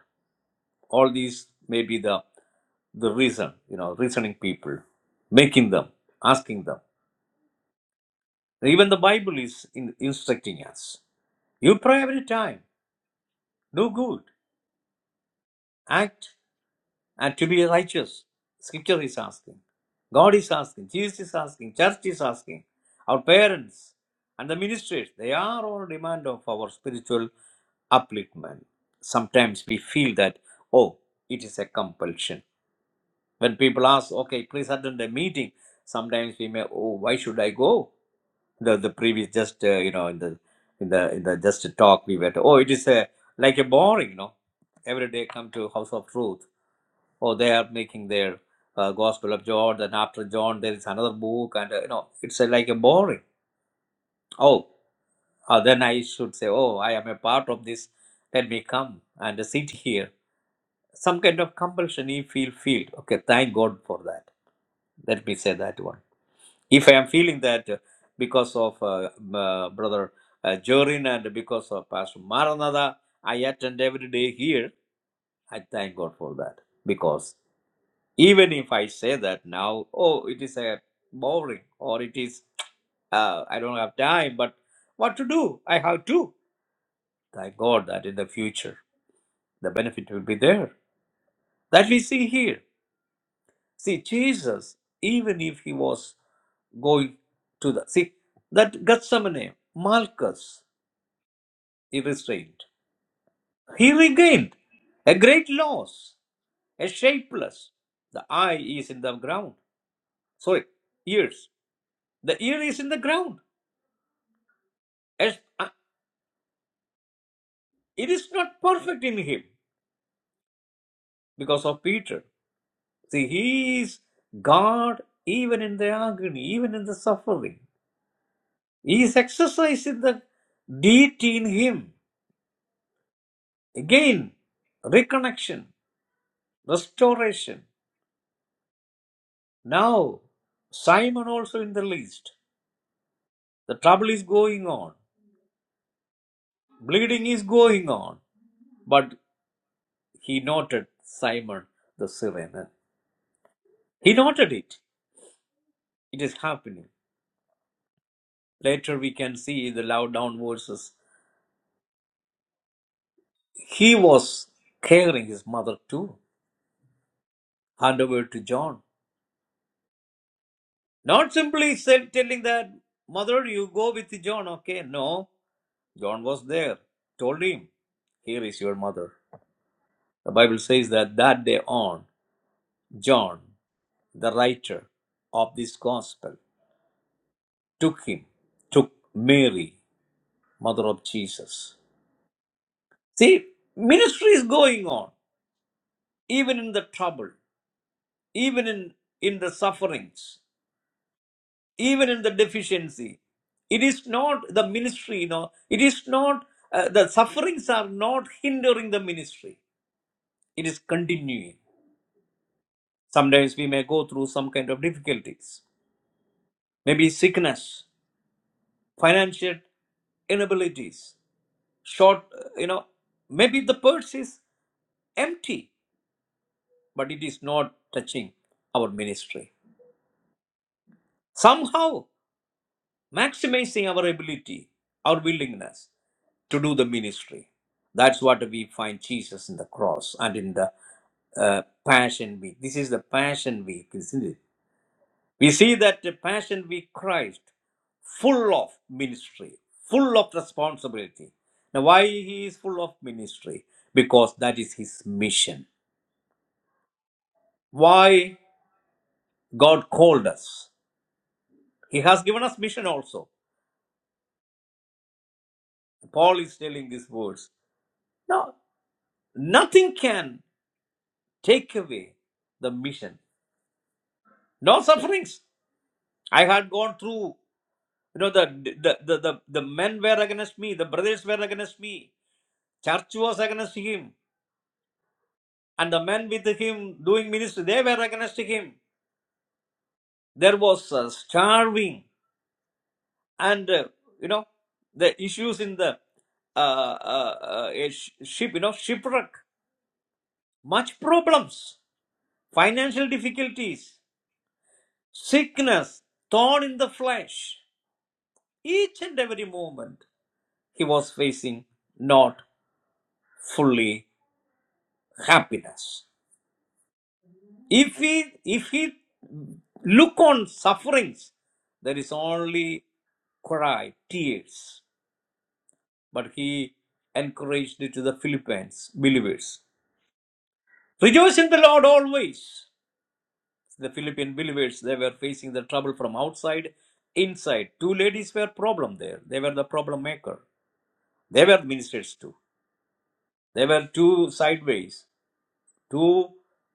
[SPEAKER 2] all these may be the the reason, you know, reasoning people, making them, asking them. Even the Bible is in, instructing us. You pray every time, do good, act and to be righteous. Scripture is asking. God is asking. Jesus is asking. Church is asking. Our parents and the ministers, they are all demand of our spiritual upliftment. Sometimes we feel that, oh, it is a compulsion. When people ask, okay, please attend the meeting, sometimes we may, oh, why should I go? The, the previous just, uh, you know, in the, in the, in the just talk we were, oh, it is a, like a boring, you know, every day come to house of truth or they are making their uh, Gospel of John. Then after John, there is another book, and uh, you know, it's uh, like a boring. Oh, uh, then I should say, oh, I am a part of this. Let me come and sit here. Some kind of compulsion you feel feel. Okay, thank God for that. Let me say that one. If I am feeling that uh, because of uh, m- uh, brother uh, Jorin and because of Pastor Maranatha, I attend every day here. I thank God for that because even if i say that now oh it is a boring or it is uh, i don't have time but what to do i have to thank god that in the future the benefit will be there that we see here see jesus even if he was going to the see that Gethsemane, Malchus, he restrained. He regained a great loss, a shapeless. The eye is in the ground. Sorry, ears. The ear is in the ground. As- uh, It is not perfect in him because of Peter. See, he is God even in the agony, even in the suffering. He is exercising the deity in him. Again, reconnection, restoration. Now, Simon also in the least. The trouble is going on, bleeding is going on. But he noted Simon the Cyrene. He noted it. It is happening. Later we can see the love down verses. He was caring his mother too. Hand over to John. Not simply said, telling that, Mother, you go with John, okay? No. John was there. Told him, Here is your mother. The Bible says that that day on, John, the writer of this gospel, took him, took Mary, mother of Jesus. See, ministry is going on, even in the trouble. even in, in the sufferings, even in the deficiency. It is not the ministry, you know, it is not, uh, the sufferings are not hindering the ministry. It is continuing. Sometimes we may go through some kind of difficulties, maybe sickness, financial inabilities, short, uh, you know, maybe the purse is empty, but it is not touching our ministry. Somehow maximizing our ability, our willingness to do the ministry. That's what we find Jesus in the cross and in the uh, Passion Week. This is the Passion Week, isn't it? We see that the Passion Week Christ, full of ministry, full of responsibility. Now, why he is full of ministry? Because that is his mission. Why God called us? He has given us mission also. Paul is telling these words. Now, nothing can. take away the mission. No sufferings. I had gone through, you know, the the, the, the the men were against me, the brothers were against me, church was against him, and the men with him doing ministry, they were against him. There was uh, starving and, uh, you know, the issues in the uh, uh, uh, a sh- ship, you know, shipwreck, much problems, financial difficulties, sickness, thorn in the flesh. Each and every moment he was facing not fully happiness. If he if he look on sufferings, there is only cry, tears. But he encouraged it to the Philippines believers. Rejoice in the Lord always. The Philippine believers they were facing the trouble from outside, inside. Two ladies were problem there. They were the problem maker. They were ministers too. They were two sideways. two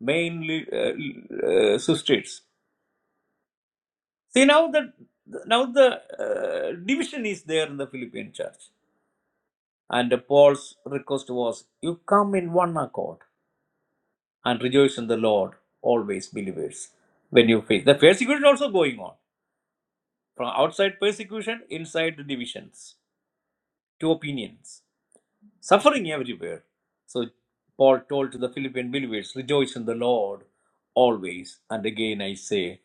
[SPEAKER 2] main uh, uh, substrates. See now the now the uh, division is there in the Philippine church, and Paul's request was, "You come in one accord and rejoice in the Lord always, believers." When you face the persecution also going on from outside persecution, inside the divisions, two opinions. Suffering everywhere. So Paul told to the Philippian believers, rejoice in the Lord always. And again I say,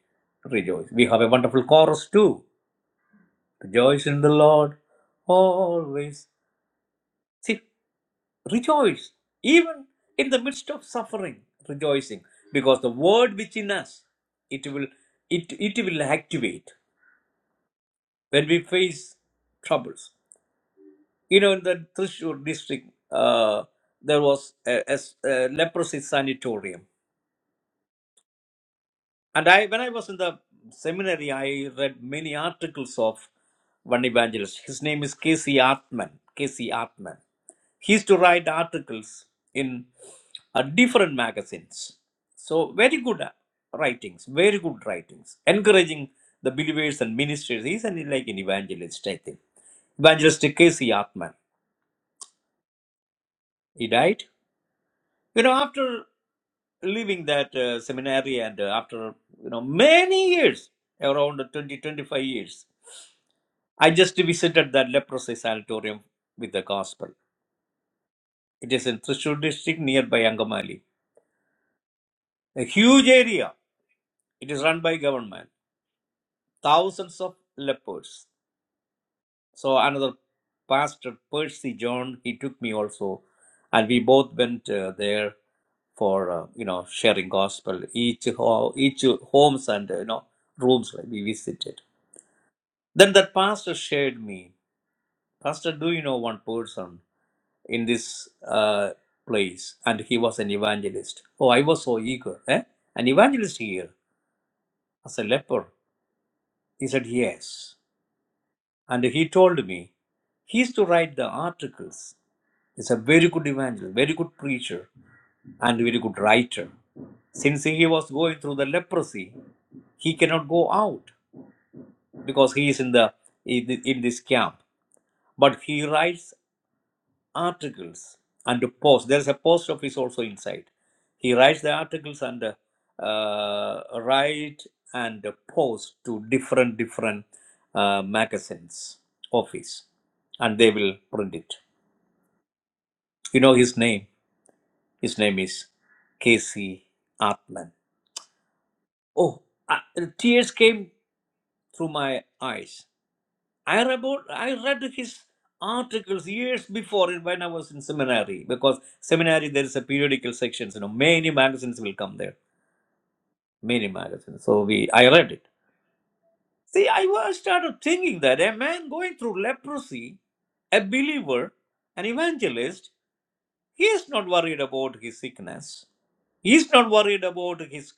[SPEAKER 2] rejoice. We have a wonderful chorus too. Rejoice in the Lord always. See, rejoice. Even in the midst of suffering, rejoicing. Because the word which in us, it will it, it will activate when we face troubles. You know, in the Trishur district, uh, there was a, a s- a leprosy sanatorium. And I, when I was in the seminary, I read many articles of one evangelist. His name is Casey Artman. Casey Artman. He used to write articles in uh, different magazines. So very good uh, writings, very good writings, encouraging the believers and ministers. He's an, like an evangelist, I think. Evangelist Casey Artman. He died. You know, after leaving that uh, seminary and uh, after, you know, many years, around 20, 25 years, I just visited that leprosy sanatorium with the gospel. It is in Thrissur district nearby Angamali. A huge area. It is run by government. Thousands of lepers. So another pastor, Percy John, he took me also, and we both went uh, there for uh, you know sharing gospel. Each ho- each homes and uh, you know rooms like we visited. Then that pastor shared me, Pastor, do you know one person in this uh, place? And he was an evangelist. Oh, I was so eager. Eh? An evangelist here as a leper. He said yes, and he told me he used to write the articles He's a very good evangelist, very good preacher, and very good writer. Since he was going through the leprosy, he cannot go out because he is in the in, the- in this camp. But he writes articles and posts. There is a post office also inside. He writes the articles and uh, write and post to different different uh, magazines office, and they will print it. You know his name. His name is Casey Atman. Oh, I, tears came through my eyes. I read, I read his articles years before it when I was in seminary because seminary there is a periodical section. You know, many magazines will come there, many magazines. So we, I read it. See, I was started thinking that a man going through leprosy, a believer, an evangelist. He is not worried about his sickness. He is not worried about his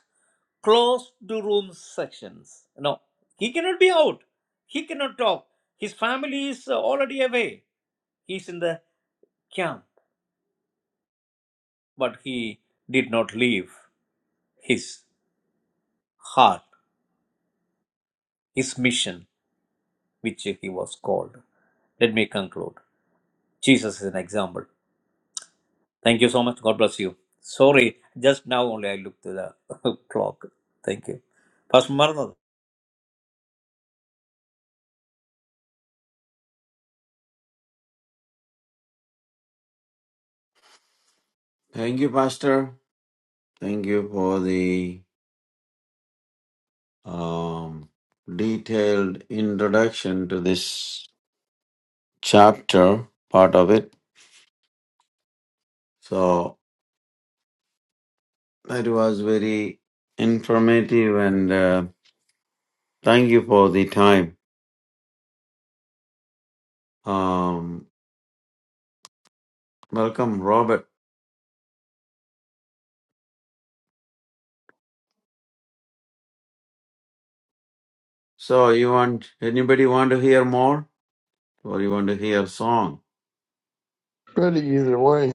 [SPEAKER 2] closed room sections. No, he cannot be out. He cannot talk. His family is uh, already away. He is in the camp. But he did not leave his heart, his mission, which he was called. Let me conclude. Jesus is an example. Thank you so much. God bless you. Sorry, just now only I looked at the clock. Thank you. Pastor Maranatha.
[SPEAKER 3] Thank you, Pastor. Thank you for the um, detailed introduction to this chapter, part of it. So that was very informative, and uh, thank you for the time. Um, welcome, Robert. So you want anybody want to hear more, or you want to hear song?
[SPEAKER 4] Good either way.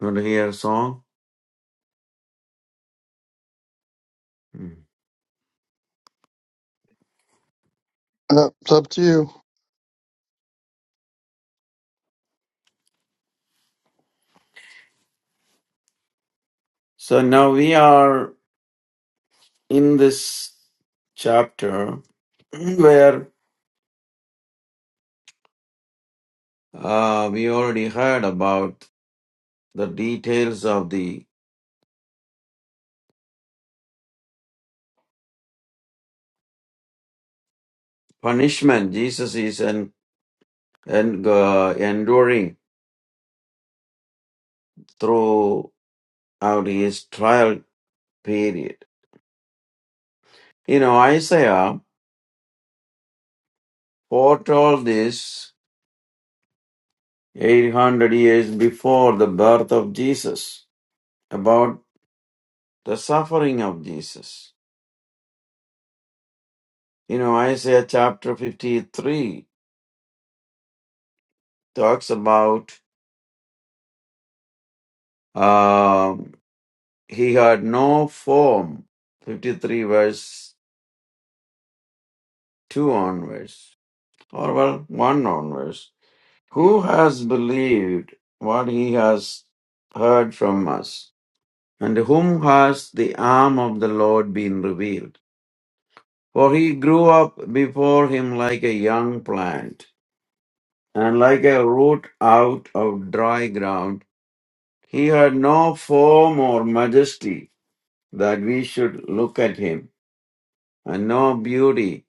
[SPEAKER 3] You want to hear song? Hmm.
[SPEAKER 4] Uh, it's up to you.
[SPEAKER 3] So now we are. in this chapter where uh, we already heard about the details of the punishment Jesus is en- en- uh, enduring throughout his trial period. You know, Isaiah foretold this 800 years before the birth of Jesus about the suffering of Jesus. You know, Isaiah chapter 53 talks about um, he had no form. 53 verse 2 onwards, or well, 1 onwards. Who has believed what he has heard from us? And to whom has the arm of the Lord been revealed? For he grew up before him like a young plant, and like a root out of dry ground. He had no form or majesty that we should look at him, and no beauty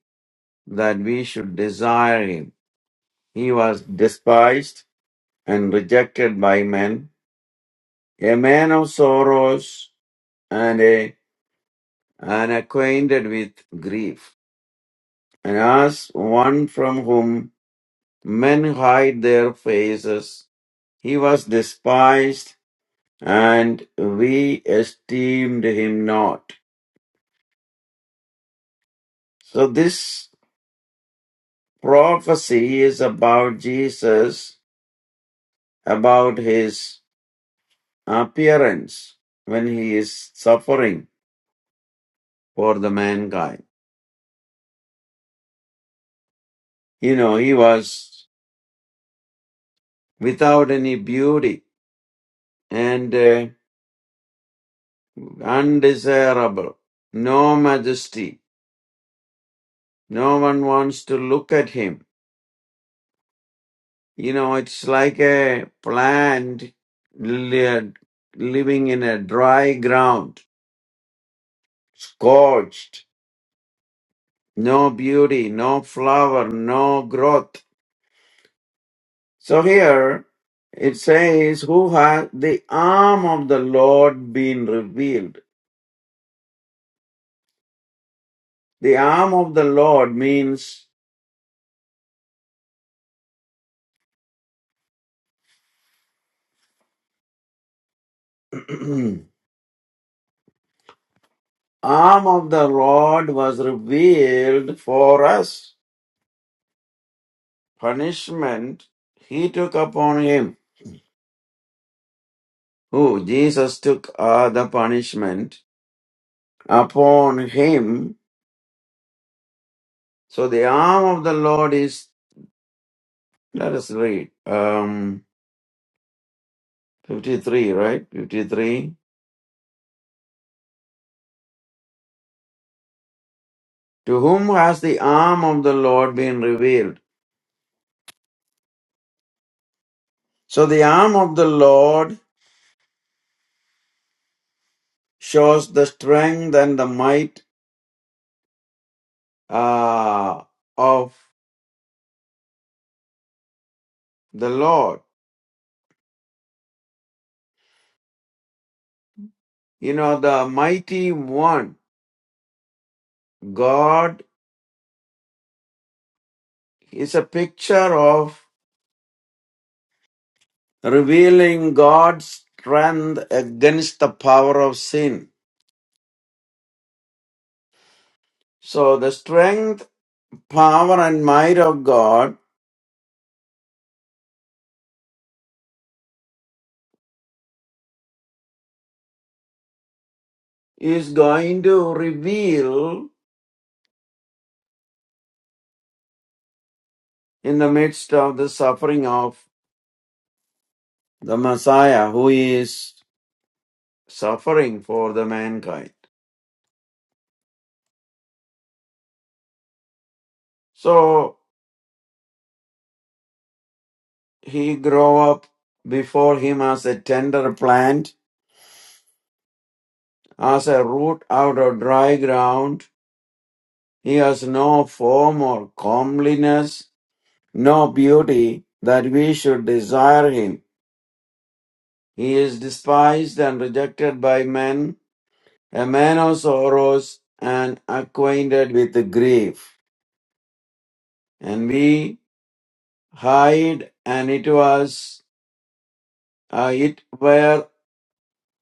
[SPEAKER 3] that we should desire him. He was despised and rejected by men, a man of sorrows and a and acquainted with grief, and as one from whom men hide their faces, he was despised and we esteemed him not. So this prophecy is about Jesus, about his appearance when he is suffering for the mankind. You know, he was without any beauty and uh, undesirable, no majesty. No one wants to look at him. You know, it's like a plant li- living in a dry ground, scorched, no beauty, no flower, no growth So here it says, Who has the arm of the Lord been revealed? The arm of the Lord means arm of the Lord was revealed for us. Punishment he took upon him. Who? Jesus took uh, the punishment upon him. So the arm of the Lord is, let us read, um, 53, right? 53. To whom has the arm of the Lord been revealed? So the arm of the Lord shows the strength and the might uh, of the Lord. You know, the mighty one, God is a picture of revealing God's strength against the power of sin. So the strength, power, and might of God is going to reveal in the midst of the suffering of the Messiah who is suffering for the mankind. So he grow up before him as a tender plant, as a root out of dry ground. He has no form or comeliness, no beauty that we should desire him. He is despised and rejected by men, a man of sorrows and acquainted with grief. And we hide, and it was. uh, it were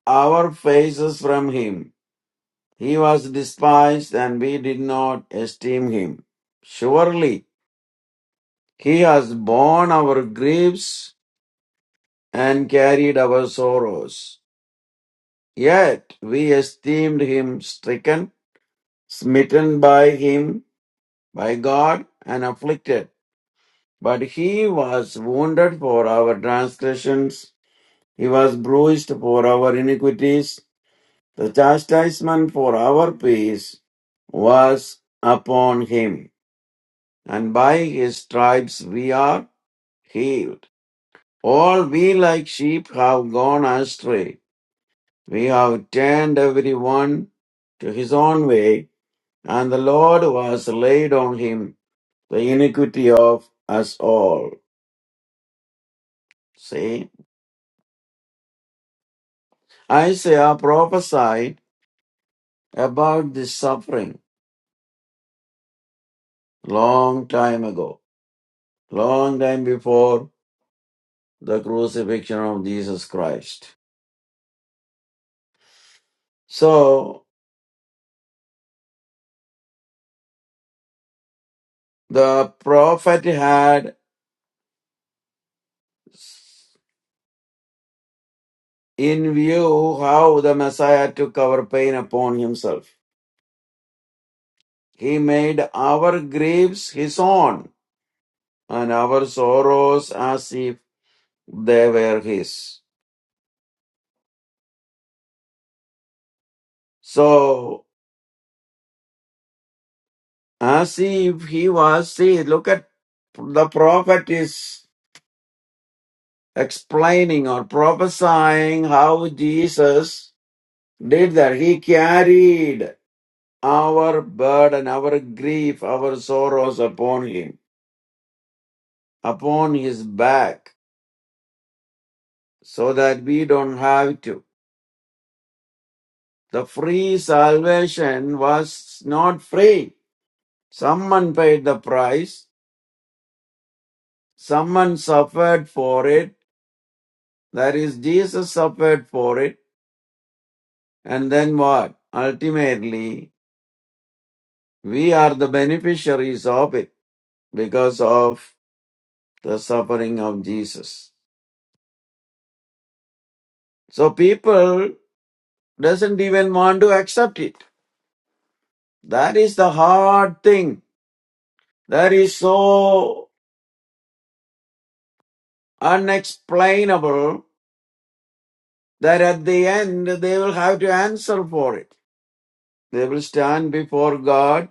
[SPEAKER 3] our faces from him. He was despised and we did not esteem him. Surely he has borne our griefs and carried our sorrows. Yet we esteemed him stricken, smitten by him, by God, and afflicted. But he was wounded for our transgressions, he was bruised for our iniquities. The chastisement for our peace was upon him, and by his stripes we are healed. All we like sheep have gone astray. We have turned every one to his own way, and the Lord was laid on him the iniquity of us all. See, Isaiah prophesied about this suffering long time ago, long time before the crucifixion of Jesus Christ. So the prophet had in view how the Messiah took our pain upon himself. He made our griefs his own and our sorrows as if they were his. So, as if he was, see, look at the prophet is explaining or prophesying how Jesus did that. He carried our burden, our grief, our sorrows upon him, upon his back, so that we don't have to. The free salvation was not free. Someone paid the price. Someone suffered for it. That is, Jesus suffered for it. And then what? Ultimately, we are the beneficiaries of it because of the suffering of Jesus. So people doesn't even want to accept it. That is the hard thing. That is so unexplainable that at the end they will have to answer for it. They will stand before God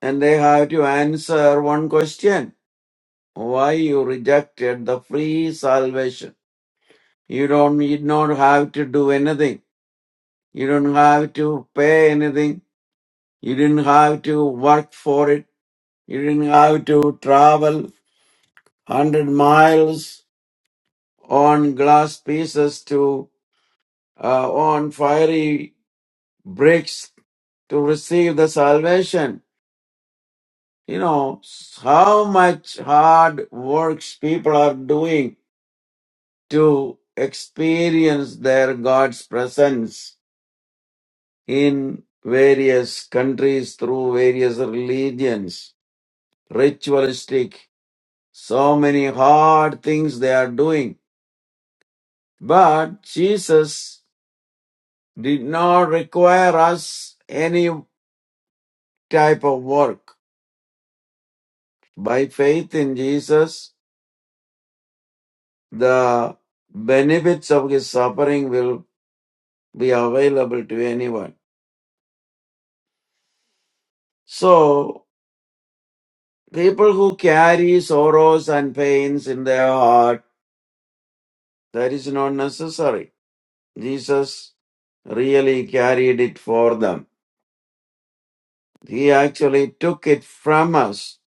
[SPEAKER 3] and they have to answer one question. Why you rejected the free salvation? You don't, you don't have to do anything. You don't have to pay anything. You didn't have to work for it. You didn't have to travel hundred miles on glass pieces to uh, on fiery bricks to receive the salvation. You know how much hard works people are doing to experience their God's presence in various countries through various religions, ritualistic, so many hard things they are doing. But Jesus did not require us any type of work. By faith in Jesus, the benefits of his suffering will be available to anyone. So, people who carry sorrows and pains in their heart, that is not necessary. Jesus really carried it for them. He actually took it from us,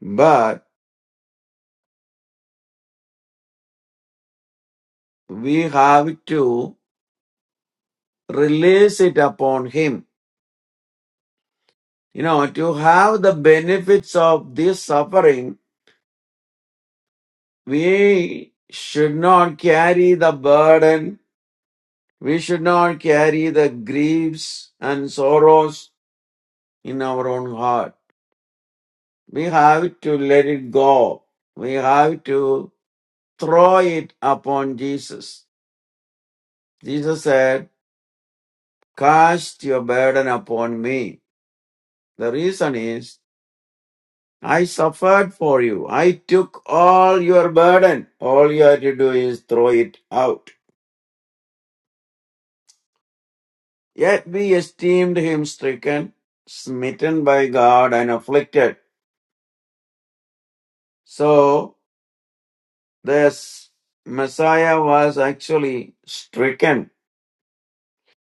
[SPEAKER 3] but we have to release it upon him you know, to have the benefits of this suffering, we should not carry the burden, we should not carry the griefs and sorrows in our own heart. We have to let it go. We have to throw it upon Jesus. Jesus said, Cast your burden upon me. The reason is, I suffered for you. I took all your burden. All you have to do is throw it out. Yet we esteemed him stricken, smitten by God, and afflicted. So this Messiah was actually stricken.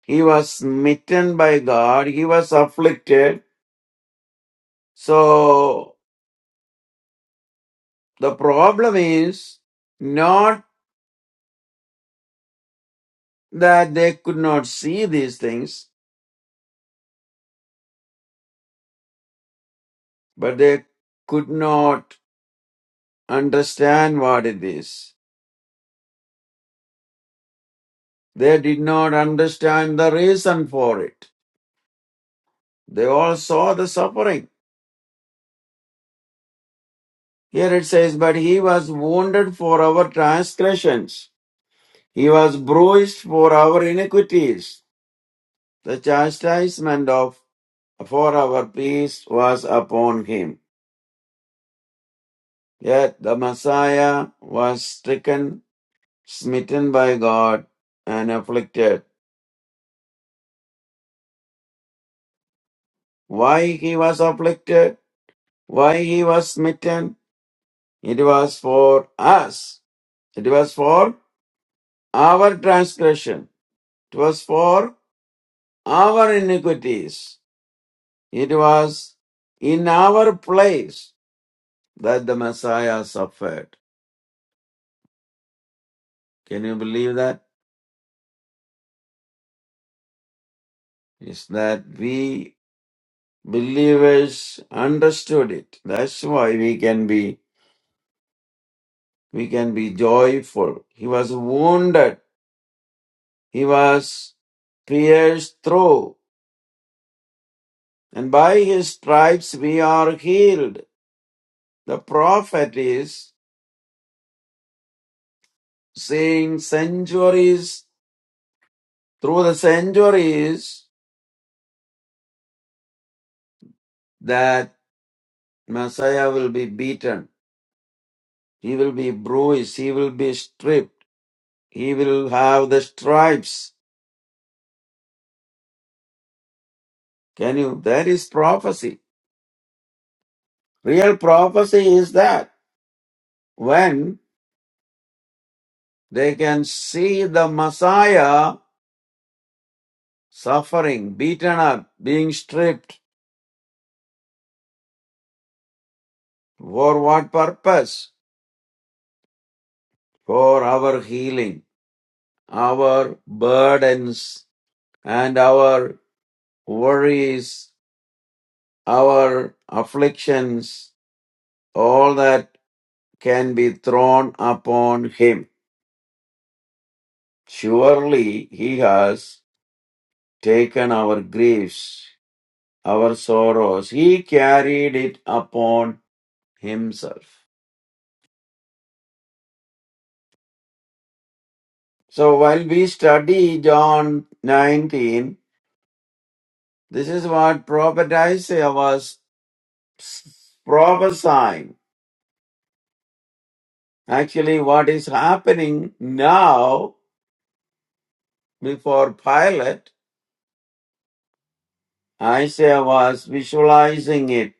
[SPEAKER 3] He was smitten by God. He was afflicted. So the problem is not that they could not see these things, but they could not understand what it is. They did not understand the reason for it. They all saw the suffering Here it says, But he was wounded for our transgressions, he was bruised for our iniquities. The chastisement of for our peace was upon him. Yet the Messiah was stricken, smitten by God, and afflicted. Why he was afflicted? Why he was smitten? It was for us. It was for our transgression. It was for our iniquities. It was in our place that the Messiah suffered. Can you believe that? Is that we believers understood it. That's why we can be we can be joyful. He was wounded. He was pierced through. And by his stripes we are healed. The prophet is saying centuries through the centuries that Messiah will be beaten He will be bruised. He will be stripped. He will have the stripes. Can you? That is prophecy. Real prophecy is that when they can see the Messiah suffering, beaten up, being stripped. For what purpose? For our healing, our burdens, and our worries, our afflictions, all that can be thrown upon him Surely he has taken our griefs, our sorrows. He carried it upon himself. So while we study John 19, this is what prophet Isaiah was prophesying. Actually, what is happening now before Pilate, Isaiah was visualizing it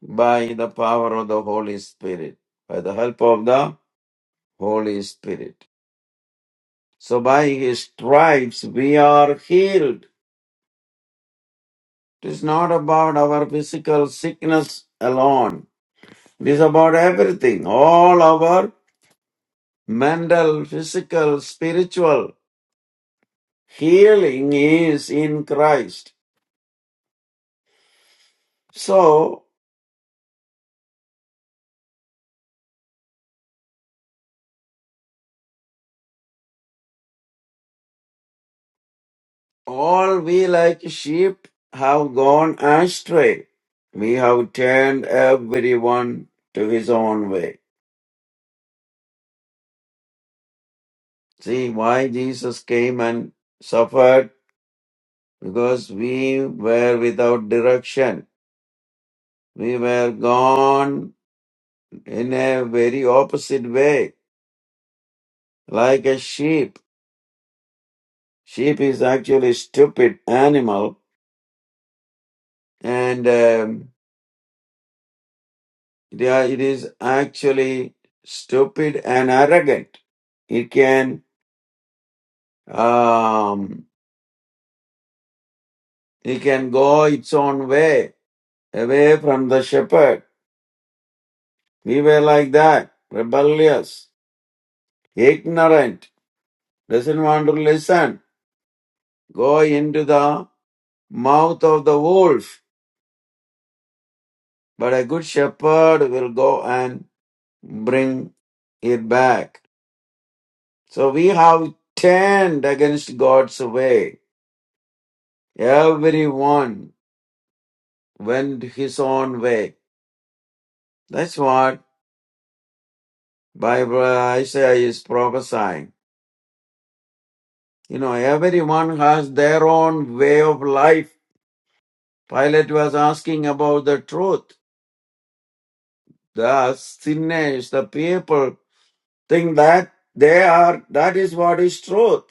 [SPEAKER 3] by the power of the Holy Spirit, by the help of the Holy Spirit. So by his stripes we are healed. It is not about our physical sickness alone. It is about everything. All our mental, physical, spiritual healing is in Christ. So all we like sheep have gone astray. We have turned everyone to his own way. See why Jesus came and suffered because we were without direction. We were gone in a very opposite way, like a sheep. Sheep is actually a stupid animal, and um, yeah, it is actually stupid and arrogant. It can um, it can go its own way, away from the shepherd. We were like that, rebellious, ignorant, doesn't want to listen go into the mouth of the wolf, but a good shepherd will go and bring it back. So we have turned against God's way. Everyone went his own way. That's what Bible Isaiah is prophesying. You know, everyone has their own way of life. Pilate was asking about the truth. The sinners, the people think that they are that is what is truth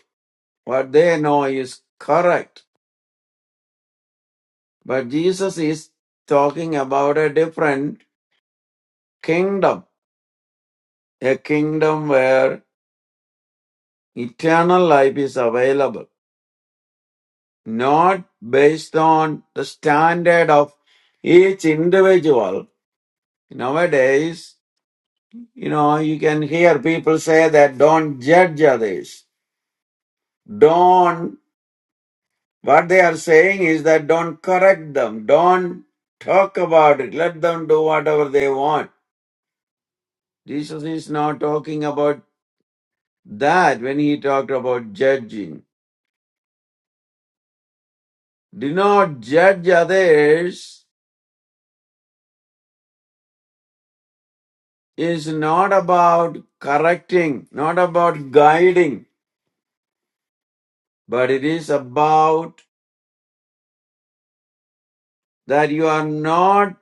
[SPEAKER 3] what they know is correct but jesus is talking about a different kingdom a kingdom where eternal life is available not based on the standard of each individual nowadays you know you can hear people say that don't judge others don't What they are saying is that don't correct them, don't talk about it, let them do whatever they want. Jesus is not talking about that when he talked about judging. Do not judge others is not about correcting, not about guiding, but it is about that you are not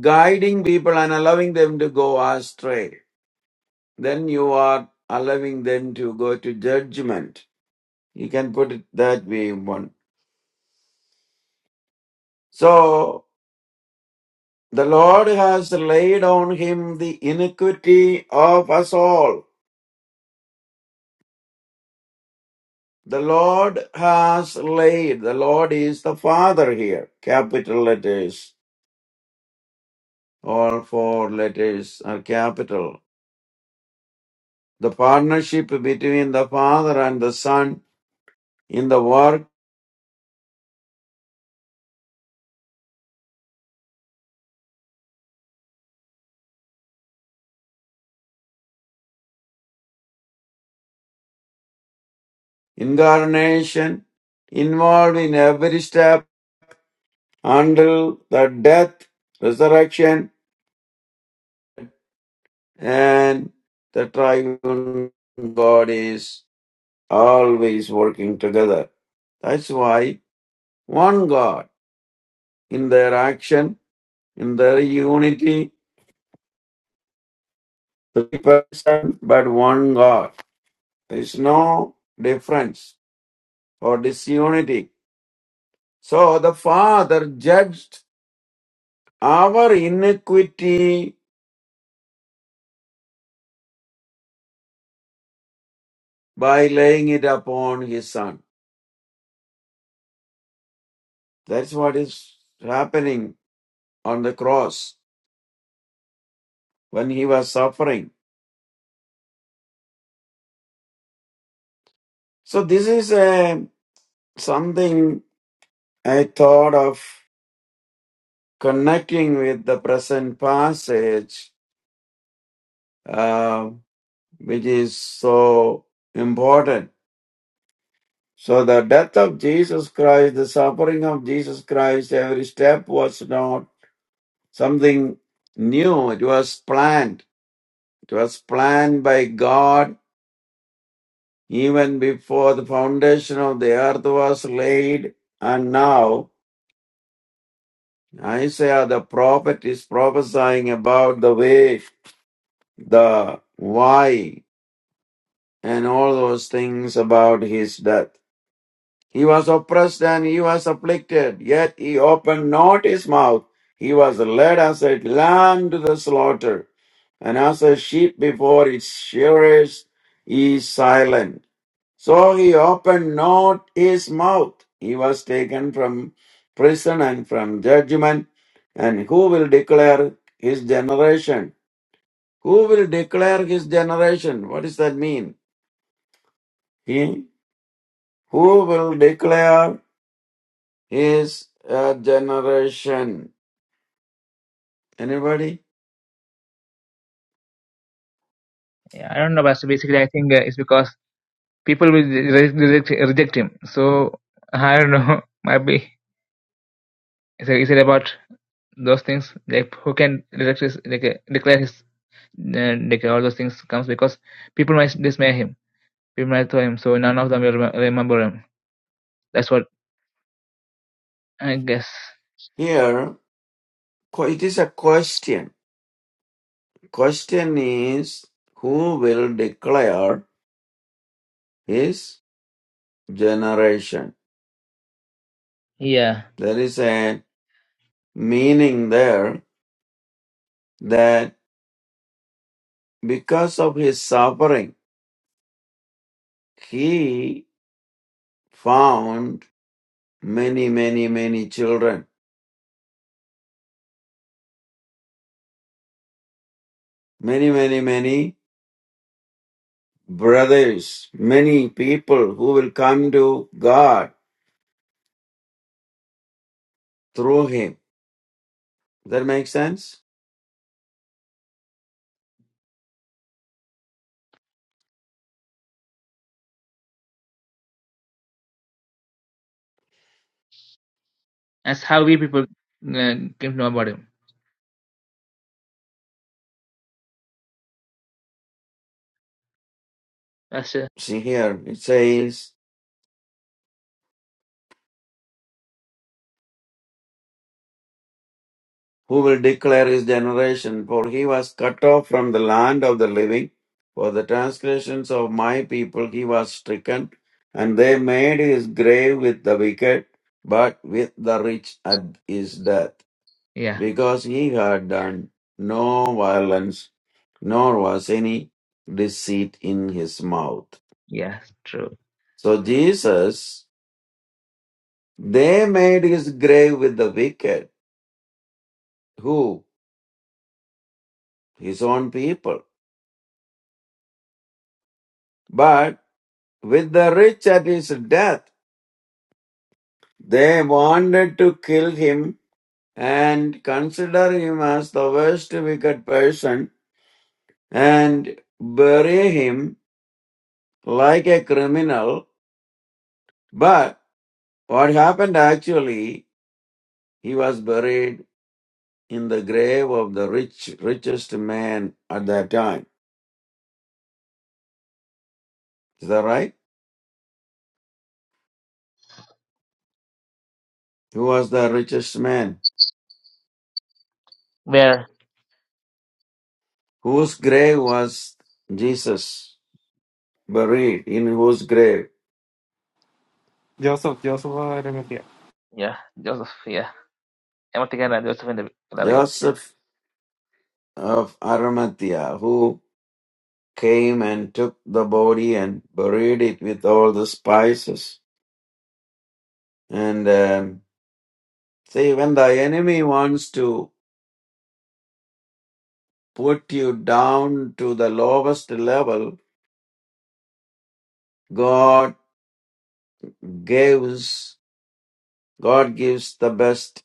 [SPEAKER 3] guiding people and allowing them to go astray. Then you are allowing them to go to judgment. You can put it that way, one. So the Lord has laid on him the iniquity of us all. The Lord has laid, the Lord is the Father here. Capital letters, all four letters are capital. The partnership between the Father and the Son in the work, incarnation, involved in every step until the death, resurrection, and the triune God is always working together. That's why one God in their action, in their unity, three persons, but one God. There is no difference or disunity. So the Father judged our iniquity by laying it upon His Son. That's what is happening on the cross when He was suffering. So this is a something I thought of connecting with the present passage, uh, which is so important. So the death of Jesus Christ, the suffering of Jesus Christ, every step was not something new. It was planned. It was planned by God even before the foundation of the earth was laid. And now Isaiah the prophet is prophesying about the way, the why, and all those things about his death. He was oppressed and he was afflicted, yet he opened not his mouth. He was led as a lamb to the slaughter, and as a sheep before its shearers is silent. So he opened not his mouth. He was taken from prison and from judgment. And who will declare his generation? Who will declare his generation? What does that mean? He who will declare his uh, generation? Anybody?
[SPEAKER 1] Yeah, I don't know, Pastor. Basically, I think uh, it's because people will re- reject, reject him. So I don't know. Maybe is it, is it about those things? Like who can reject his, like, uh, declare his uh, like all those things comes because people might dismay him. People might throw him. So none of them will rem- remember him. That's what I guess.
[SPEAKER 3] Here, qu- it is a question. Question is who will declare his generation?
[SPEAKER 1] Yeah,
[SPEAKER 3] There is a meaning there that because of his suffering, he found many, many, many children, many, many, many brothers, many people who will come to God through him. That makes sense?
[SPEAKER 1] that's how we people uh, came to know about him. That's uh,
[SPEAKER 3] See here, it says, Who will declare his generation? For he was cut off from the land of the living. For the transgressions of my people he was stricken, and they made his grave with the wicked, but with the rich at his death,
[SPEAKER 1] yeah,
[SPEAKER 3] because he had done no violence, nor was any deceit in his mouth.
[SPEAKER 1] yeah, it's true.
[SPEAKER 3] So Jesus, they made his grave with the wicked, who? His own people. but. with the rich at his death. They wanted to kill him and consider him as the worst wicked person and bury him like a criminal. But what happened actually, he was buried in the grave of the rich, richest man at that time. Is that right? Who was the richest man?
[SPEAKER 1] Where
[SPEAKER 3] Whose grave was Jesus buried? In whose grave?
[SPEAKER 5] Joseph, Joseph Aramith here.
[SPEAKER 1] yeah, Joseph. Yeah, I'm thinking Joseph in the Galilee.
[SPEAKER 3] Joseph of Arimathea, who came and took the body and buried it with all the spices. And um, see, when the enemy wants to put you down to the lowest level, God gives God gives the best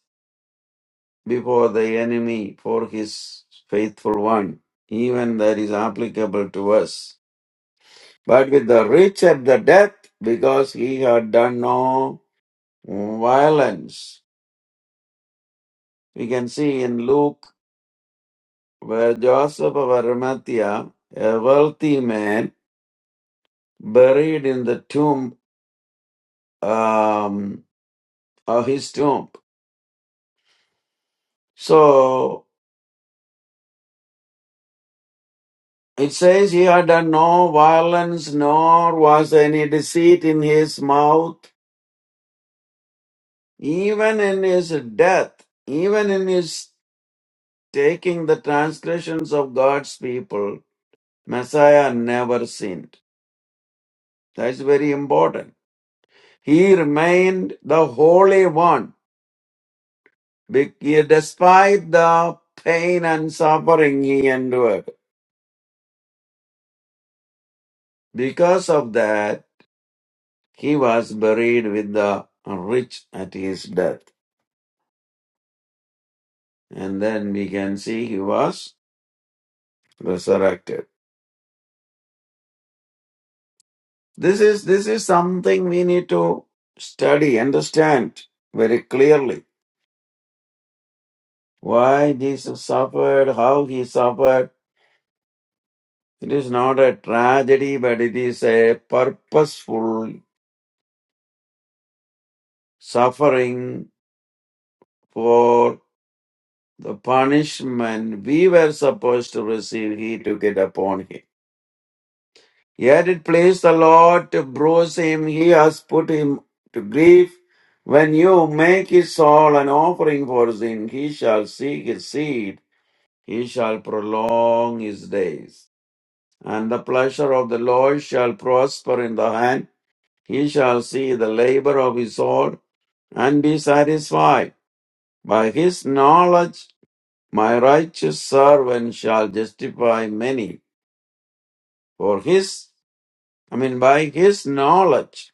[SPEAKER 3] before the enemy for His faithful one. Even that is applicable to us. But with the rich at the death, because he had done no violence We can see in Luke where Joseph of Arimathea, a wealthy man, buried in the tomb um, of his tomb. So it says he had done no violence, nor was any deceit in his mouth, even in his death, even in his taking the transgressions of God's people. Messiah never sinned. That's very important. He remained the Holy One Be- despite the pain and suffering he endured. Because of that, he was buried with the rich at his death. And then we can see he was resurrected. This is, this is something we need to study, understand very clearly. Why Jesus suffered, how he suffered. It is not a tragedy, but it is a purposeful suffering for. The punishment we were supposed to receive, he took it upon him. Yet it pleased the Lord to bruise him. He has put him to grief. When you make his soul an offering for sin, he shall seek his seed. He shall prolong his days. And the pleasure of the Lord shall prosper in the hand. He shall see the labor of his soul and be satisfied. By his knowledge My righteous servant shall justify many, for his, I mean, by his knowledge,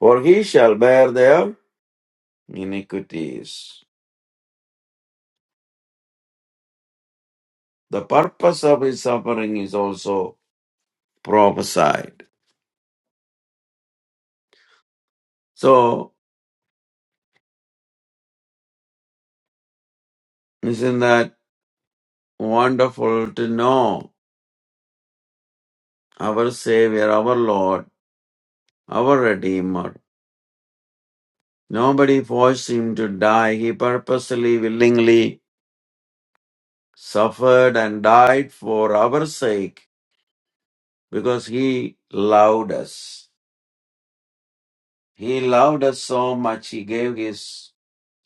[SPEAKER 3] for he shall bear their iniquities. The purpose of his suffering is also prophesied. So, isn't that wonderful to know our Savior, our Lord, our Redeemer? Nobody forced him to die. He purposely, willingly suffered and died for our sake because he loved us. He loved us so much, he gave his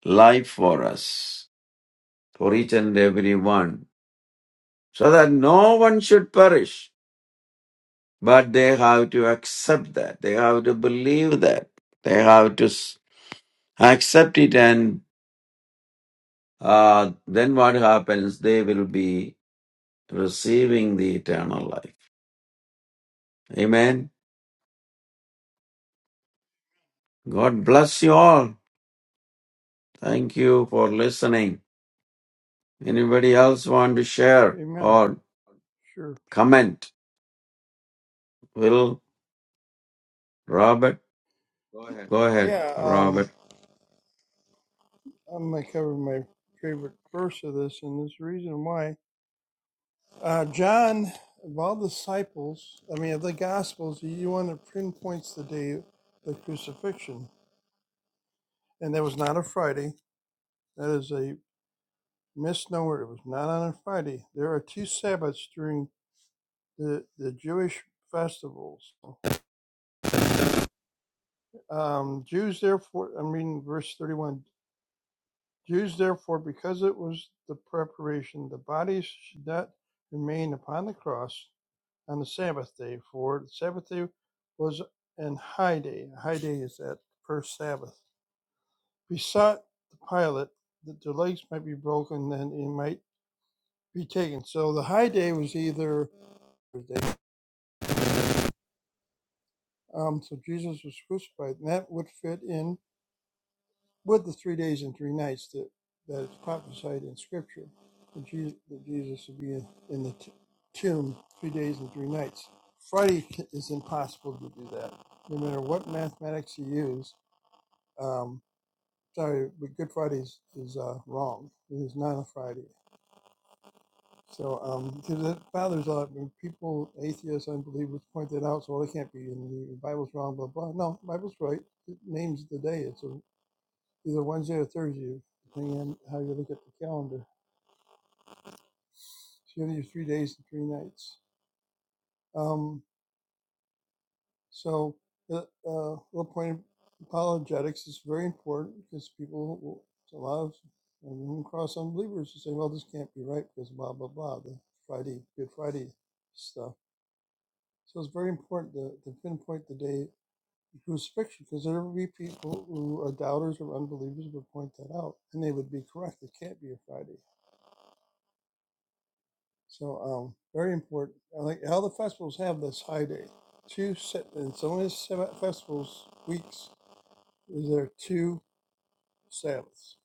[SPEAKER 3] life for us, for each and every one, so that no one should perish. But they have to accept that. They have to believe that. They have to s- accept it, and uh, then what happens? They will be receiving the eternal life. Amen. God bless you all. Thank you for listening. Anybody else want to share
[SPEAKER 4] Amen.
[SPEAKER 3] or
[SPEAKER 4] Sure.
[SPEAKER 3] comment. Will Robert? Go ahead,
[SPEAKER 4] Yeah, um,
[SPEAKER 3] Robert.
[SPEAKER 4] I'm going to cover my favorite verse of this, and there's a reason why. Uh, John, of all the disciples, I mean, of the Gospels, he one that pinpoints the day of the crucifixion. And that was not a Friday. That is a misnomer. It was not on a Friday. There are two Sabbaths during the, the Jewish festivals. Um, Jews, therefore, I'm reading verse 31. Jews therefore, because it was the preparation, the bodies should not remain upon the cross on the Sabbath day, for the Sabbath day was an high day. A high day is that first Sabbath. Besought the pilot that the legs might be broken, then he might be taken. So the high day was either Thursday. Um, so Jesus was crucified, and that would fit in with the three days and three nights that that it's prophesied in Scripture that Jesus, that Jesus would be in, in the t- tomb three days and three nights. Friday is impossible to do that, no matter what mathematics you use. Um, sorry, but Good Friday is, is uh, wrong. It is not a Friday. So, um, because it bothers a lot when people, atheists, unbelievers point that out. So, well, it can't be, and the Bible's wrong, blah blah. No, the Bible's right. It names the day. It's a either Wednesday or Thursday, depending on how you look at the calendar. So you have your three days and three nights. Um, so the uh, low point of apologetics is very important because people, will- a lot of and cross unbelievers who say, well, this can't be right because blah, blah, blah, the Friday, Good Friday stuff. So it's very important to, to pinpoint the day of crucifixion because there will be people who are doubters or unbelievers who would point that out and they would be correct. It can't be a Friday So um, very important. I like how the festivals have this high day. Two sa- in some of these Sabbath festivals weeks is there two Sabbaths.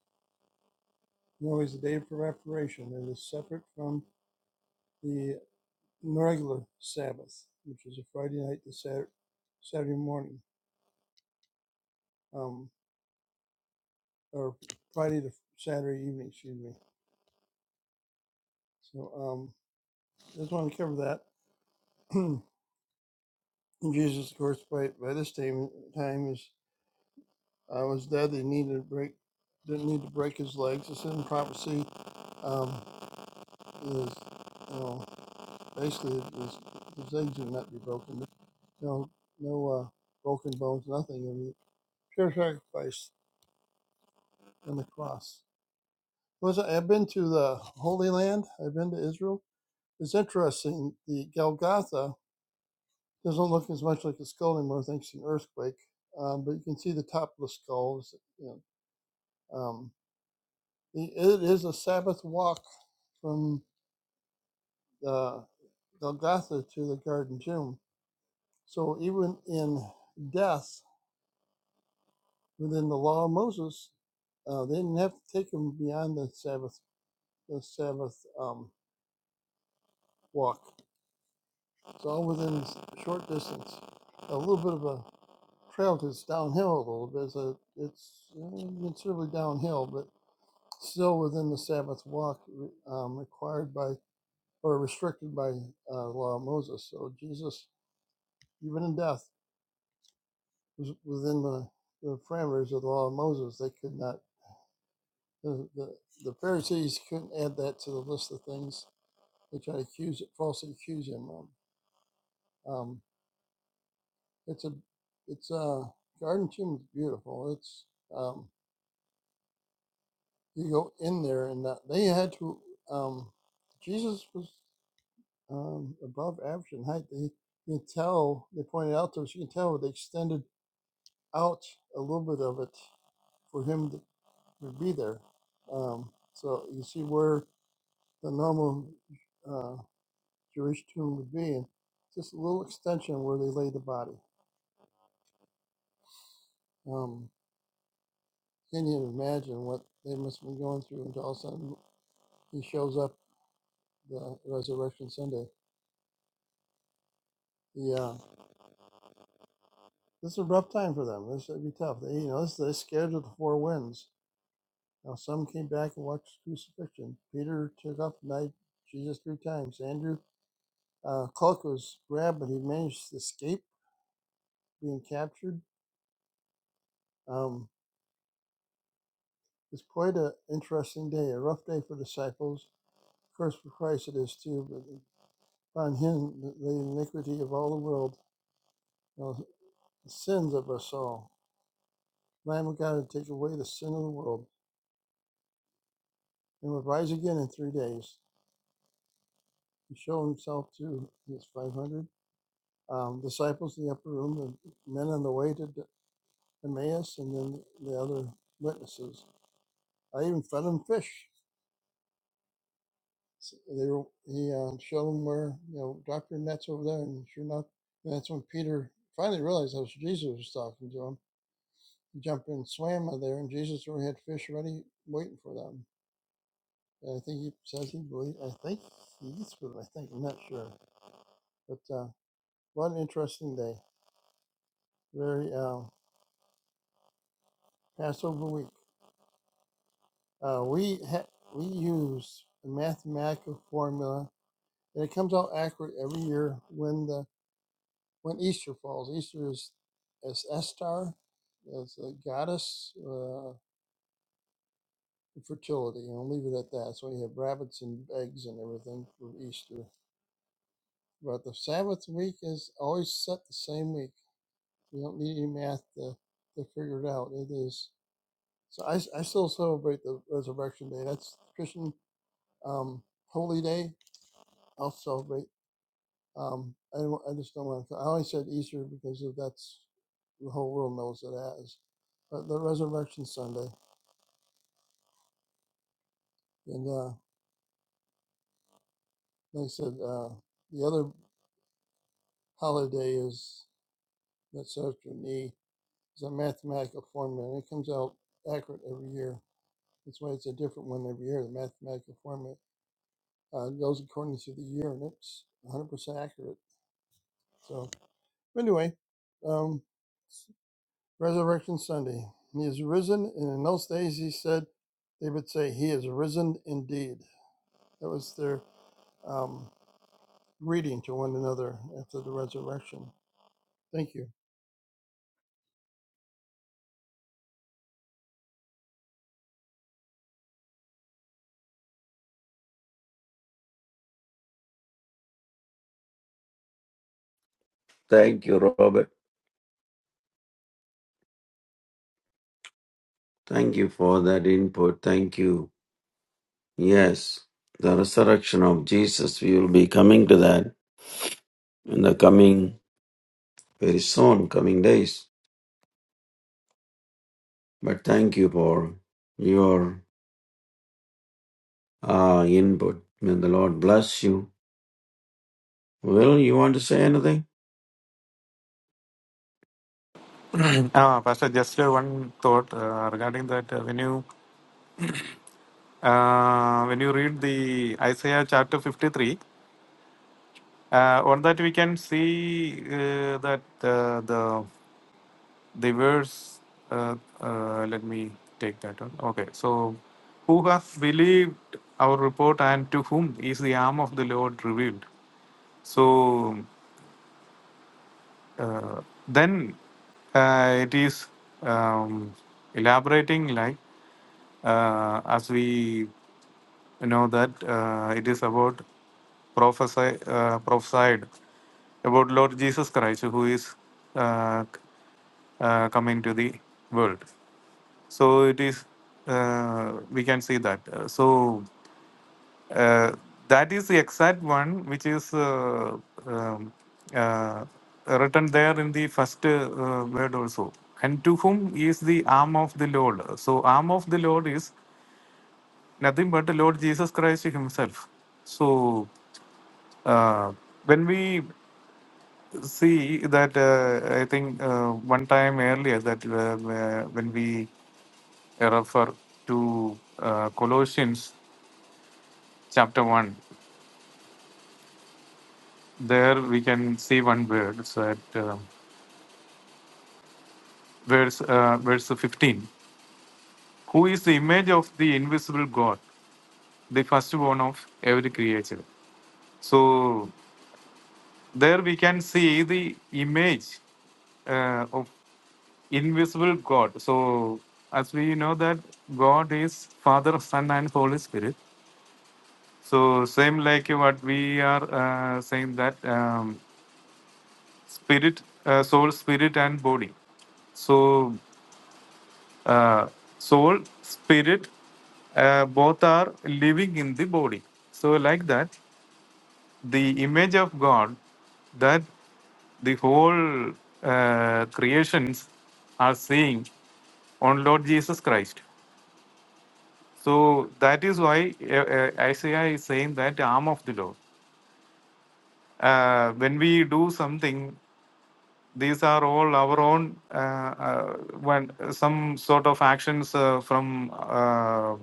[SPEAKER 4] You know, the day of preparation and is separate from the regular Sabbath, which is a Friday night to Saturday, Saturday morning, um, or Friday to Saturday evening. Excuse me. So um, I just want to cover that. Jesus, of course, by by this time time is I was there. They needed to break, didn't need to break his legs. It's in prophecy. Um, is you know, basically his, his legs would not be broken. No, no no, uh, broken bones, nothing. I mean, pure sacrifice on the cross. Was I- I've been to the Holy Land. I've been to Israel. It's interesting. The Golgotha doesn't look as much like a skull anymore, thanks to an earthquake. Um, but you can see the top of the skulls. You know, um, it is a Sabbath walk from the Golgotha to the garden tomb. So even in death within the law of Moses, uh, they didn't have to take him beyond the Sabbath the Sabbath um, walk. It's all within s- short distance. A little bit of a trail it's downhill a little bit. so It's a, it's uh, considerably downhill, but still within the Sabbath walk um, required by or restricted by uh, the law of Moses. So Jesus, even in death was within the, the parameters of the law of Moses. They could not, the, the, the Pharisees couldn't add that to the list of things they try to accuse, falsely accuse him of. Um, it's a, it's a garden tomb is beautiful. It's, um, you go in there and that, they had to, um, Jesus was um, above average in height. They, you can tell, they pointed out to us, you can tell they extended out a little bit of it for him to would be there. Um, so you see where the normal uh, Jewish tomb would be, and just a little extension where they laid the body. Um, can you imagine what they must have been going through until all of a sudden he shows up the resurrection Sunday? Yeah, this is a rough time for them. This would be tough. They, you know, this, they're scared of the four winds. Now some came back and watched crucifixion. Peter took up night Jesus three times. Andrew uh, cloak was grabbed, but he managed to escape being captured. Um, it's quite an interesting day, a rough day for disciples. Of course, for Christ it is too, but upon him the iniquity of all the world, you know, the sins of us all. Lamb of God to take away the sin of the world, and would rise again in three days. He showed himself to his 500 um, disciples in the upper room, the men on the way to Emmaus, and then the other witnesses. I even fed them fish. So they were, he uh, showed them where you know Doctor Net's over there, and sure enough, that's when Peter finally realized that was Jesus was talking to him. He jumped in, swam out there, and Jesus already had fish ready waiting for them. And I think he says he believed. I think he eats with them. I think I'm not sure, but uh, what an interesting day. Very uh, Passover week. Uh, we ha- we use a mathematical formula, and it comes out accurate every year when the when Easter falls. Easter is as Estar, as a goddess uh, of fertility, and I'll leave it at that. So you have rabbits and eggs and everything for Easter. But the Sabbath week is always set the same week. We don't need any math to, to figure it out. It is so I, I still celebrate the Resurrection Day. That's Christian um, holy day. I'll celebrate Um, I, I just don't want to. I only said Easter because of that's the whole world knows it as, but the Resurrection Sunday. And uh, they said uh, the other holiday is that's after me It's a mathematical formula, and it comes out accurate every year. That's why it's a different one every year. The mathematical formula uh, goes according to the year, and it's 100% accurate. So anyway, um. Resurrection Sunday. He is risen, and in those days he said, they would say, He is risen indeed. That was their um, greeting to one another after the resurrection. Thank you.
[SPEAKER 3] Thank you, Robert. Thank you for that input. Thank you. Yes, the resurrection of Jesus. We will be coming to that in the coming, very soon, coming days. But thank you for your uh, input. May the Lord bless you. Will, you want to say anything?
[SPEAKER 5] Ah, Pastor, just uh, one thought uh, regarding that. Uh, when you uh, when you read the Isaiah chapter fifty three, uh, on that we can see uh, that uh, the the verse. Uh, uh, let me take that one. Okay, so who has believed our report, and to whom is the arm of the Lord revealed? So Uh, then uh, it is um, elaborating like uh, as we know that uh, it is about prophesy, uh, prophesied about Lord Jesus Christ who is uh, c- uh, coming to the world. So it is uh, we can see that. Uh, so uh, that is the exact one which is uh, um, uh, written there in the first uh, word also. And to whom is the arm of the Lord? So, arm of the Lord is nothing but the Lord Jesus Christ Himself. So, uh, when we see that, uh, I think uh, one time earlier that uh, uh, when we refer to uh, Colossians chapter 1. there we can see one word. verse at uh, verse uh, verse 15 who is the image of the invisible god the firstborn of every creature so there we can see the image uh, of invisible god so as we know that god is father son and holy spirit so same like what we are uh, saying that um, spirit uh, soul spirit and body so uh, soul, spirit, uh, both are living in the body. So, like that, the image of God that the whole uh, creations are seeing on Lord Jesus Christ. So, that is why uh, uh, Isaiah is saying that arm of the Lord. Uh, when we do something, these are all our own uh, uh, when some sort of actions uh, from uh,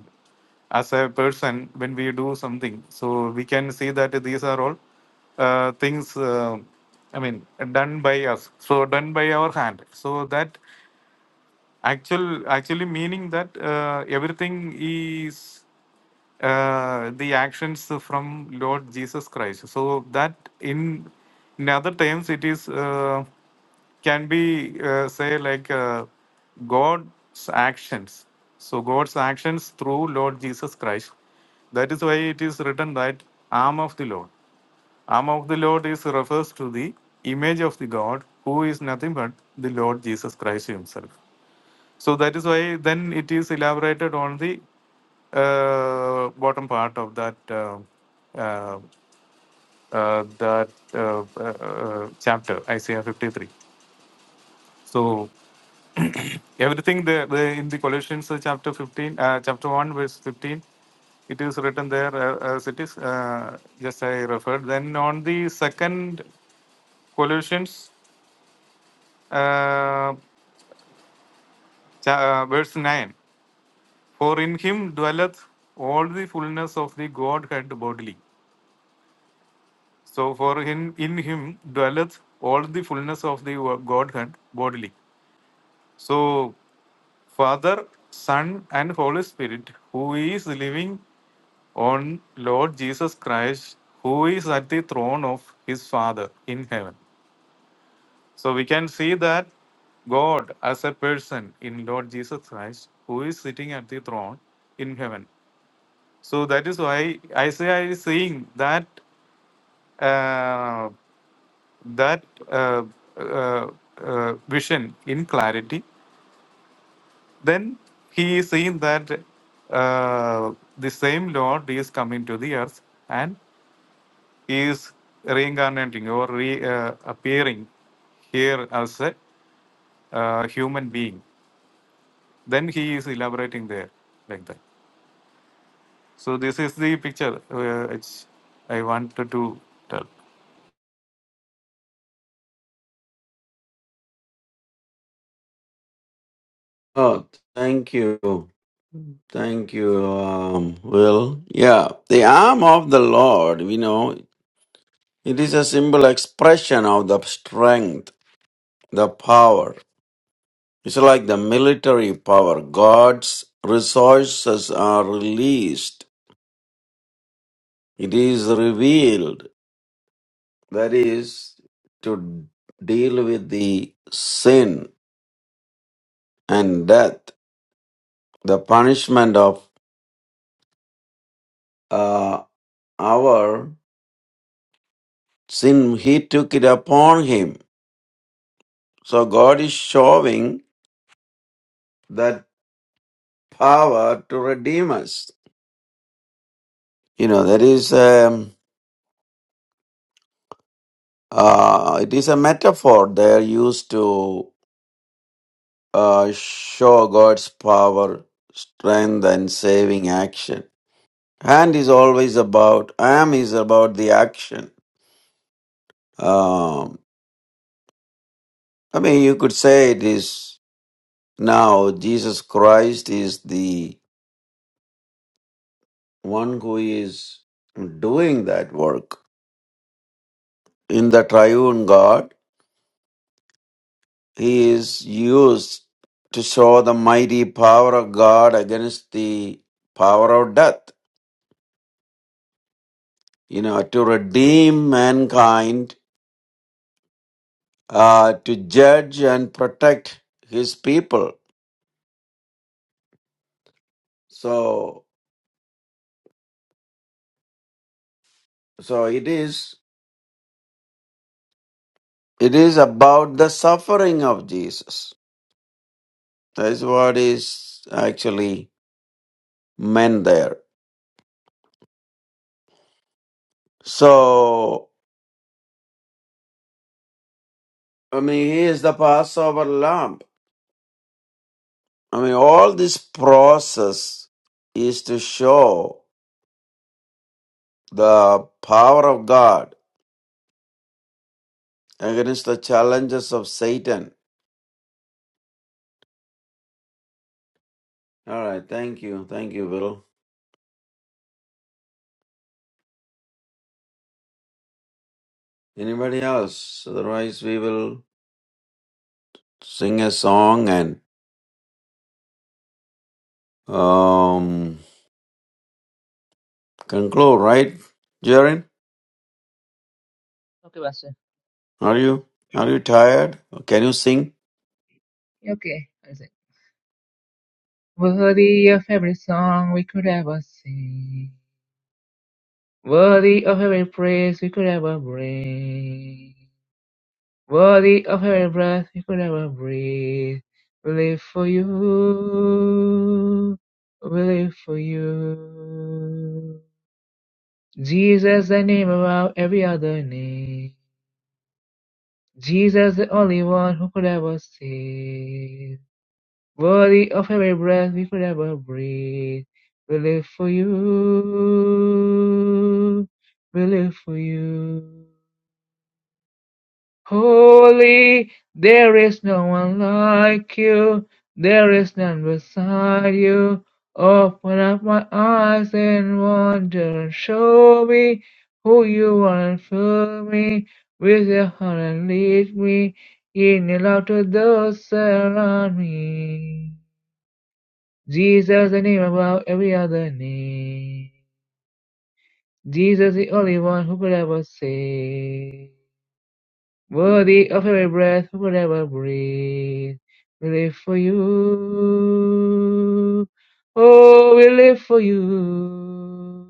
[SPEAKER 5] as a person when we do something so we can see that these are all uh, things uh, i mean done by us so done by our hand so that Actual, actually meaning that uh, everything is uh, the actions from Lord Jesus Christ. So that in in other terms, it is uh, can be uh, say like uh, God's actions. So God's actions through Lord Jesus Christ. That is why it is written that arm of the Lord. Arm of the Lord is refers to the image of the God, who is nothing but the Lord Jesus Christ Himself. So that is why then it is elaborated on the uh, bottom part of that uh, uh, uh, that uh, uh, uh, chapter Isaiah 53. So everything there the, in the Colossians uh, chapter 15, uh, chapter 1, verse 15, it is written there uh, as it is. Uh, just I referred. Then on the second Colossians uh, cha- uh, verse 9. For in him dwelleth all the fullness of the Godhead bodily. So for him in him dwelleth all the fullness of the Godhead bodily. So Father, Son, and Holy Spirit, who is living on Lord Jesus Christ, who is at the throne of his Father in heaven. So we can see that God as a person in Lord Jesus Christ, who is sitting at the throne in heaven. So that is why Isaiah is saying that uh, that uh, uh, uh, vision in clarity. Then he is saying that uh, the same Lord is coming to the earth and he is reincarnating or re, uh, appearing here as a uh, human being. Then he is elaborating there like that. So this is the picture uh, which I wanted to tell.
[SPEAKER 3] Oh, thank you. Thank you, um, Will. Yeah, the arm of the Lord, you know, It is a simple expression of the strength, the power. It's like the military power. God's resources are released. It is revealed. That is to deal with the sin and death. The punishment of uh, our sin, He took it upon Him. So God is showing that power to redeem us. You know, that is. Um, Uh, it is a metaphor they are used to uh, show God's power, strength, and saving action. Hand is always about, am is about the action. Um, I mean, you could say it is now Jesus Christ is the one who is doing that work. In the triune God, he is used to show the mighty power of God against the power of death. you know, to redeem mankind, uh, to judge and protect his people. So, so it is, it is about the suffering of Jesus. That is what is actually meant there. So, I mean, he is the Passover lamb. I mean, all this process is to show the power of God against the challenges of Satan. All right. Thank you. Thank you, Will. Anybody else? Otherwise, we will sing a song and um, conclude. Right, Jaren? Are you are you tired? Can you sing?
[SPEAKER 1] Okay. For the uh, we could ever sing. Worthy of every praise we could ever bring. Worthy of every breath we could ever breathe. We live for you. We live for you. The name above every other Jesus. Worthy we could ever breathe. We live for you. We live for you. Holy, there is no one like you, there is none beside you. Open up my eyes in wonder and show me who you are and fill me with your heart and lead me in your love to those around me. Jesus, the name above every other name. Jesus, the only one who could ever save. Worthy of every breath we will ever breathe, we live for you. Oh, we live for you.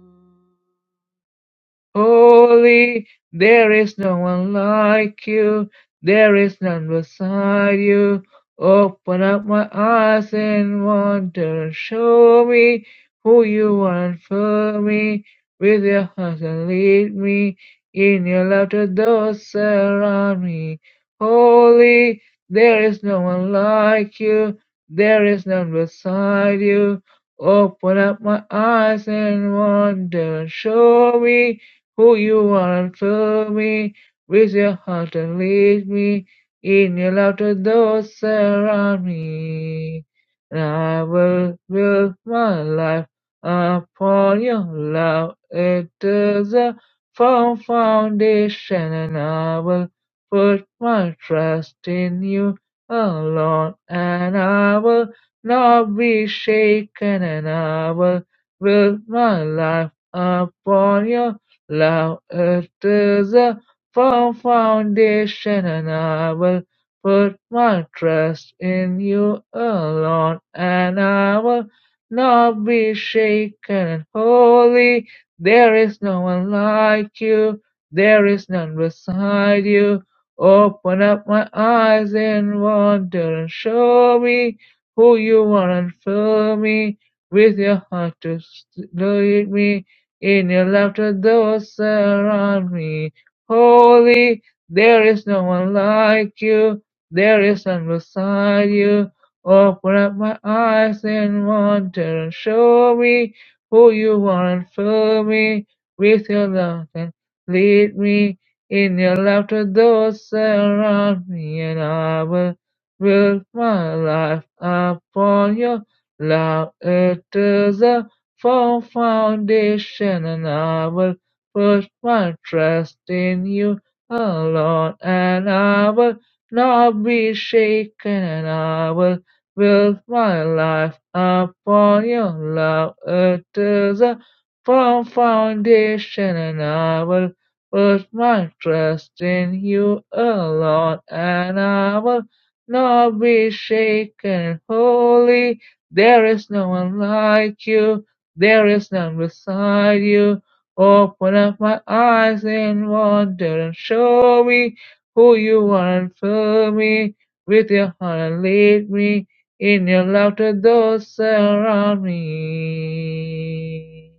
[SPEAKER 1] Holy, there is no one like you, there is none beside you. Open up my eyes and wonder and show me who you are and fill me with your heart and lead me in your love to those around me. Holy, there is no one like you, there is none beside you. Open up my eyes and wonder and show me who you are and fill me with your heart and lead me in your love to those around me. And I will build my life upon your love. It is a firm foundation and I will put my trust in you alone and I will not be shaken and I will build my life upon your Love after the firm foundation, and I will put my trust in you alone, and I will not be shaken. And holy, there is no one like you, there is none beside you. Open up my eyes in wonder and show me who you are and fill me with your heart to s- lead me in your laughter, those surround me. Holy, there is no one like you. There is none beside you. Open up my eyes in wonder and show me who you are and fill me with your love and lead me in your laughter, those surround me, and I will build my life upon your love. It is a from foundation and I will put my trust in you alone and I will not be shaken and I will build my life upon your love. It is a firm foundation and I will put my trust in you alone and I will not be shaken. Holy, there is no one like you. There is none beside you. Open up my eyes in wonder and show me who you are and fill me with your heart and lead me in your love to those around me.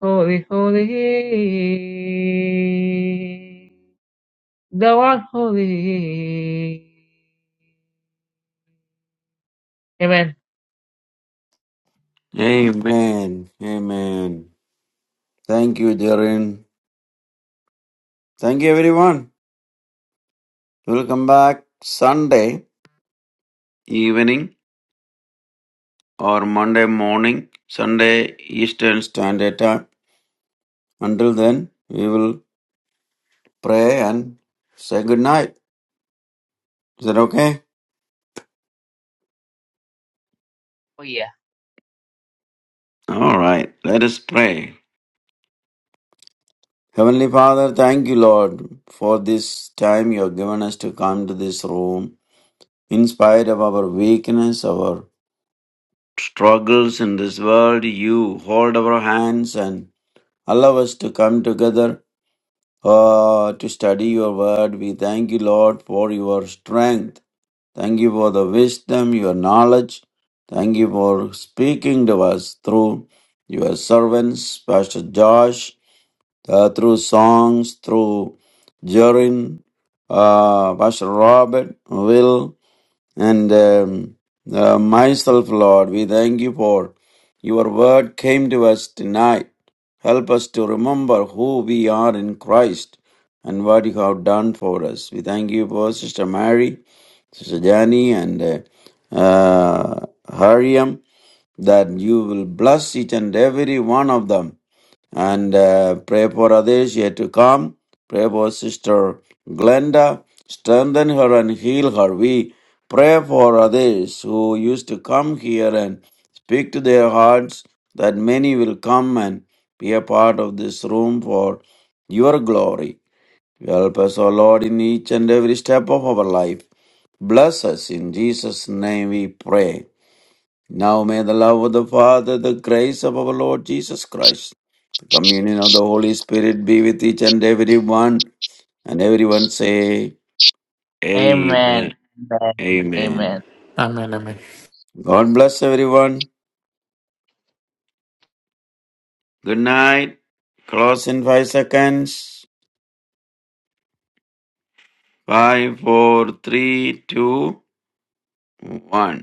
[SPEAKER 1] Holy, holy, thou art holy. Amen.
[SPEAKER 3] Amen. Amen. Thank you, Jaren. Thank you, everyone. We'll come back Sunday evening or Monday morning, Sunday Eastern Standard Time. Until then, we will pray and say good night. Is that okay?
[SPEAKER 1] Oh yeah.
[SPEAKER 3] All right. Let us pray. Heavenly Father, thank you, Lord, for this time you have given us to come to this room. In spite of our weakness, our struggles in this world, you hold our hands and allow us to come together uh, to study your word. We thank you, Lord, for your strength. Thank you for the wisdom, your knowledge. Thank you for speaking to us through your servants, Pastor Josh, uh, through songs, through Jorin, uh, Pastor Robert, Will, and um, uh, myself, Lord. We thank you for your word came to us tonight. Help us to remember who we are in Christ and what you have done for us. We thank you for Sister Mary, Sister Jani, and uh, uh, Hariam, that you will bless each and every one of them and uh, pray for others yet to come. Pray for Sister Glenda, strengthen her and heal her. We pray for others who used to come here and speak to their hearts, that many will come and be a part of this room for your glory. Help us, O Lord, in each and every step of our life. Bless us in Jesus' name we pray. Now may the love of the Father, the grace of our Lord Jesus Christ Communion of the Holy Spirit be with each and every one. And everyone say,
[SPEAKER 1] Amen.
[SPEAKER 3] Amen.
[SPEAKER 1] Amen. Amen.
[SPEAKER 3] Amen.
[SPEAKER 5] Amen, amen.
[SPEAKER 3] God bless everyone. Good night. Close in five seconds. Five, four, three, two, one.